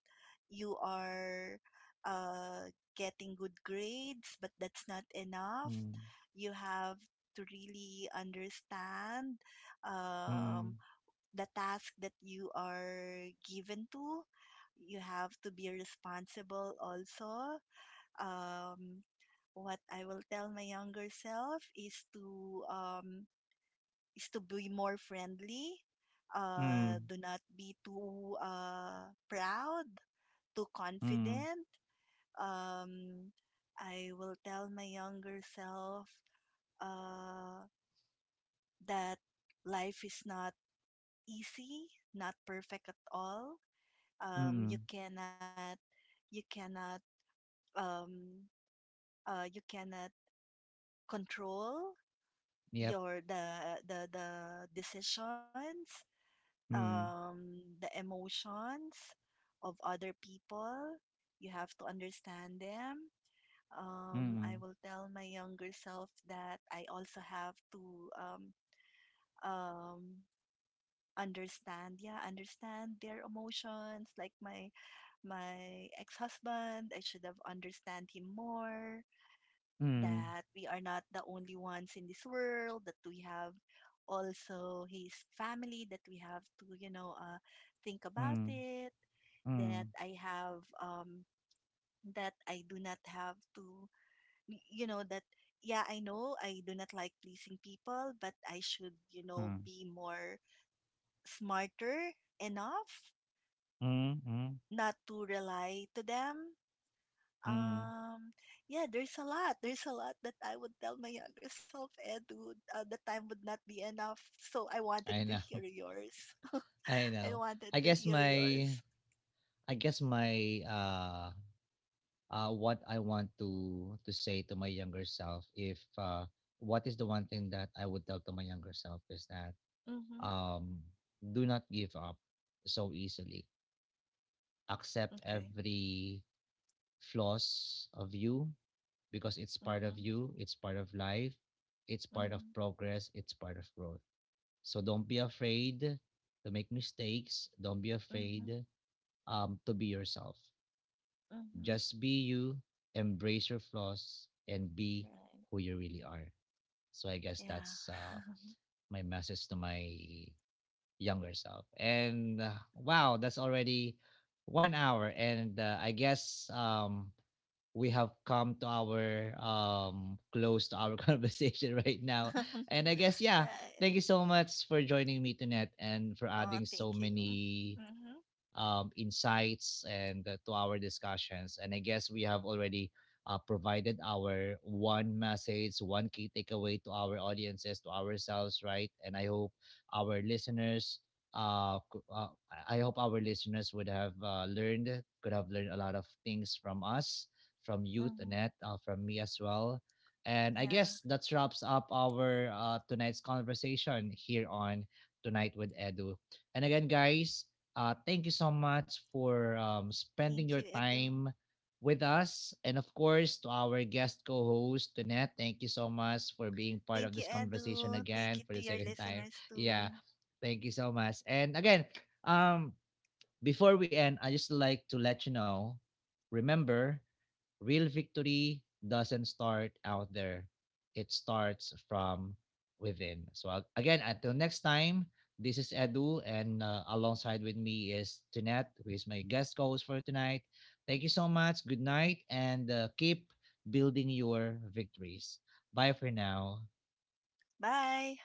S2: you are, uh, getting good grades, but that's not enough.
S1: Mm.
S2: You have to really understand, um,
S1: Mm.
S2: the task that you are given to. You have to be responsible also. Um, what I will tell my younger self is to um, is to be more friendly. Uh,
S1: Mm.
S2: do not be too uh proud, too
S1: Mm.
S2: confident. Um, I will tell my younger self uh that life is not easy, not perfect at all. Um, you
S1: Mm.
S2: cannot, you cannot, um, uh, you cannot control
S1: Yep.
S2: your the the the decisions,
S1: Mm.
S2: um, the emotions of other people. You have to understand them. Um, I
S1: Mm.
S2: will tell my younger self that I also have to um, um, understand, yeah, understand their emotions. Like my my ex-husband, I should have understand him more,
S1: Mm.
S2: that we are not the only ones in this world, that we have also his family, that we have to, you know, uh, think about
S1: Mm.
S2: it, that
S1: Mm.
S2: I have, um, that I do not have to, y- you know, that, yeah, I know I do not like pleasing people, but I should, you know,
S1: Mm.
S2: be more smarter enough
S1: Mm. Mm.
S2: not to rely to them.
S1: Mm.
S2: Um, yeah, there's a lot. There's a lot that I would tell my younger self, and would, uh, the time would not be enough. So I wanted to
S1: I know.
S2: hear yours.
S1: [LAUGHS] I
S2: [LAUGHS] I
S1: know.
S2: wanted
S1: I
S2: to
S1: guess
S2: hear
S1: my
S2: yours.
S1: I guess my uh uh what I want to to say to my younger self if uh what is the one thing that I would tell to my younger self is that
S2: Mm-hmm.
S1: um do not give up so easily. Accept
S2: Okay.
S1: every flaws of you because it's part of
S2: Mm-hmm.
S1: you, it's part of life, it's part of
S2: Mm-hmm.
S1: progress, it's part of growth. So don't be afraid to make mistakes, don't be
S2: Mm-hmm.
S1: afraid um to be yourself.
S2: Mm-hmm.
S1: Just be you, embrace your flaws, and be
S2: Right.
S1: who you really are. So I guess that's uh,
S2: Yeah.
S1: my message to my younger self. And uh, wow, that's already one hour. And uh, I guess um, we have come to our um, close to our [LAUGHS] conversation right now.
S2: [LAUGHS]
S1: And I guess, yeah,
S2: Right.
S1: thank you so much for joining me tonight and for
S2: Oh,
S1: adding so
S2: thank you.
S1: many
S2: Mm-hmm.
S1: um, insights and uh, to our discussions. And I guess we have already uh, provided our one message, one key takeaway to our audiences, to ourselves, right? And I hope our listeners. Uh, uh, I I hope our listeners would have uh, learned, could have learned a lot of things from us, from you,
S2: Mm-hmm.
S1: Annette, uh, from me as well. And I
S2: Yeah.
S1: guess that wraps up our uh, tonight's conversation here on Tonight with Edu. And again, guys, uh, thank you so much for um, spending
S2: Thank
S1: your
S2: you, Edu.
S1: time with us. And of course, to our guest co host, Tunette, thank you so much for being part of
S2: Thank
S1: this
S2: you,
S1: conversation
S2: Edu. Thank
S1: again
S2: you
S1: for the
S2: to your
S1: second time.
S2: listeners
S1: Yeah,
S2: too.
S1: thank you so much. And again, um, before we end, I just like to let you know, remember, real victory doesn't start out there. It starts from within. So again, until next time, this is Edu, and uh, alongside with me is Tunette, who is my guest co-host for tonight. Thank you so much. Good night, and uh, keep building your victories. Bye for now.
S2: Bye.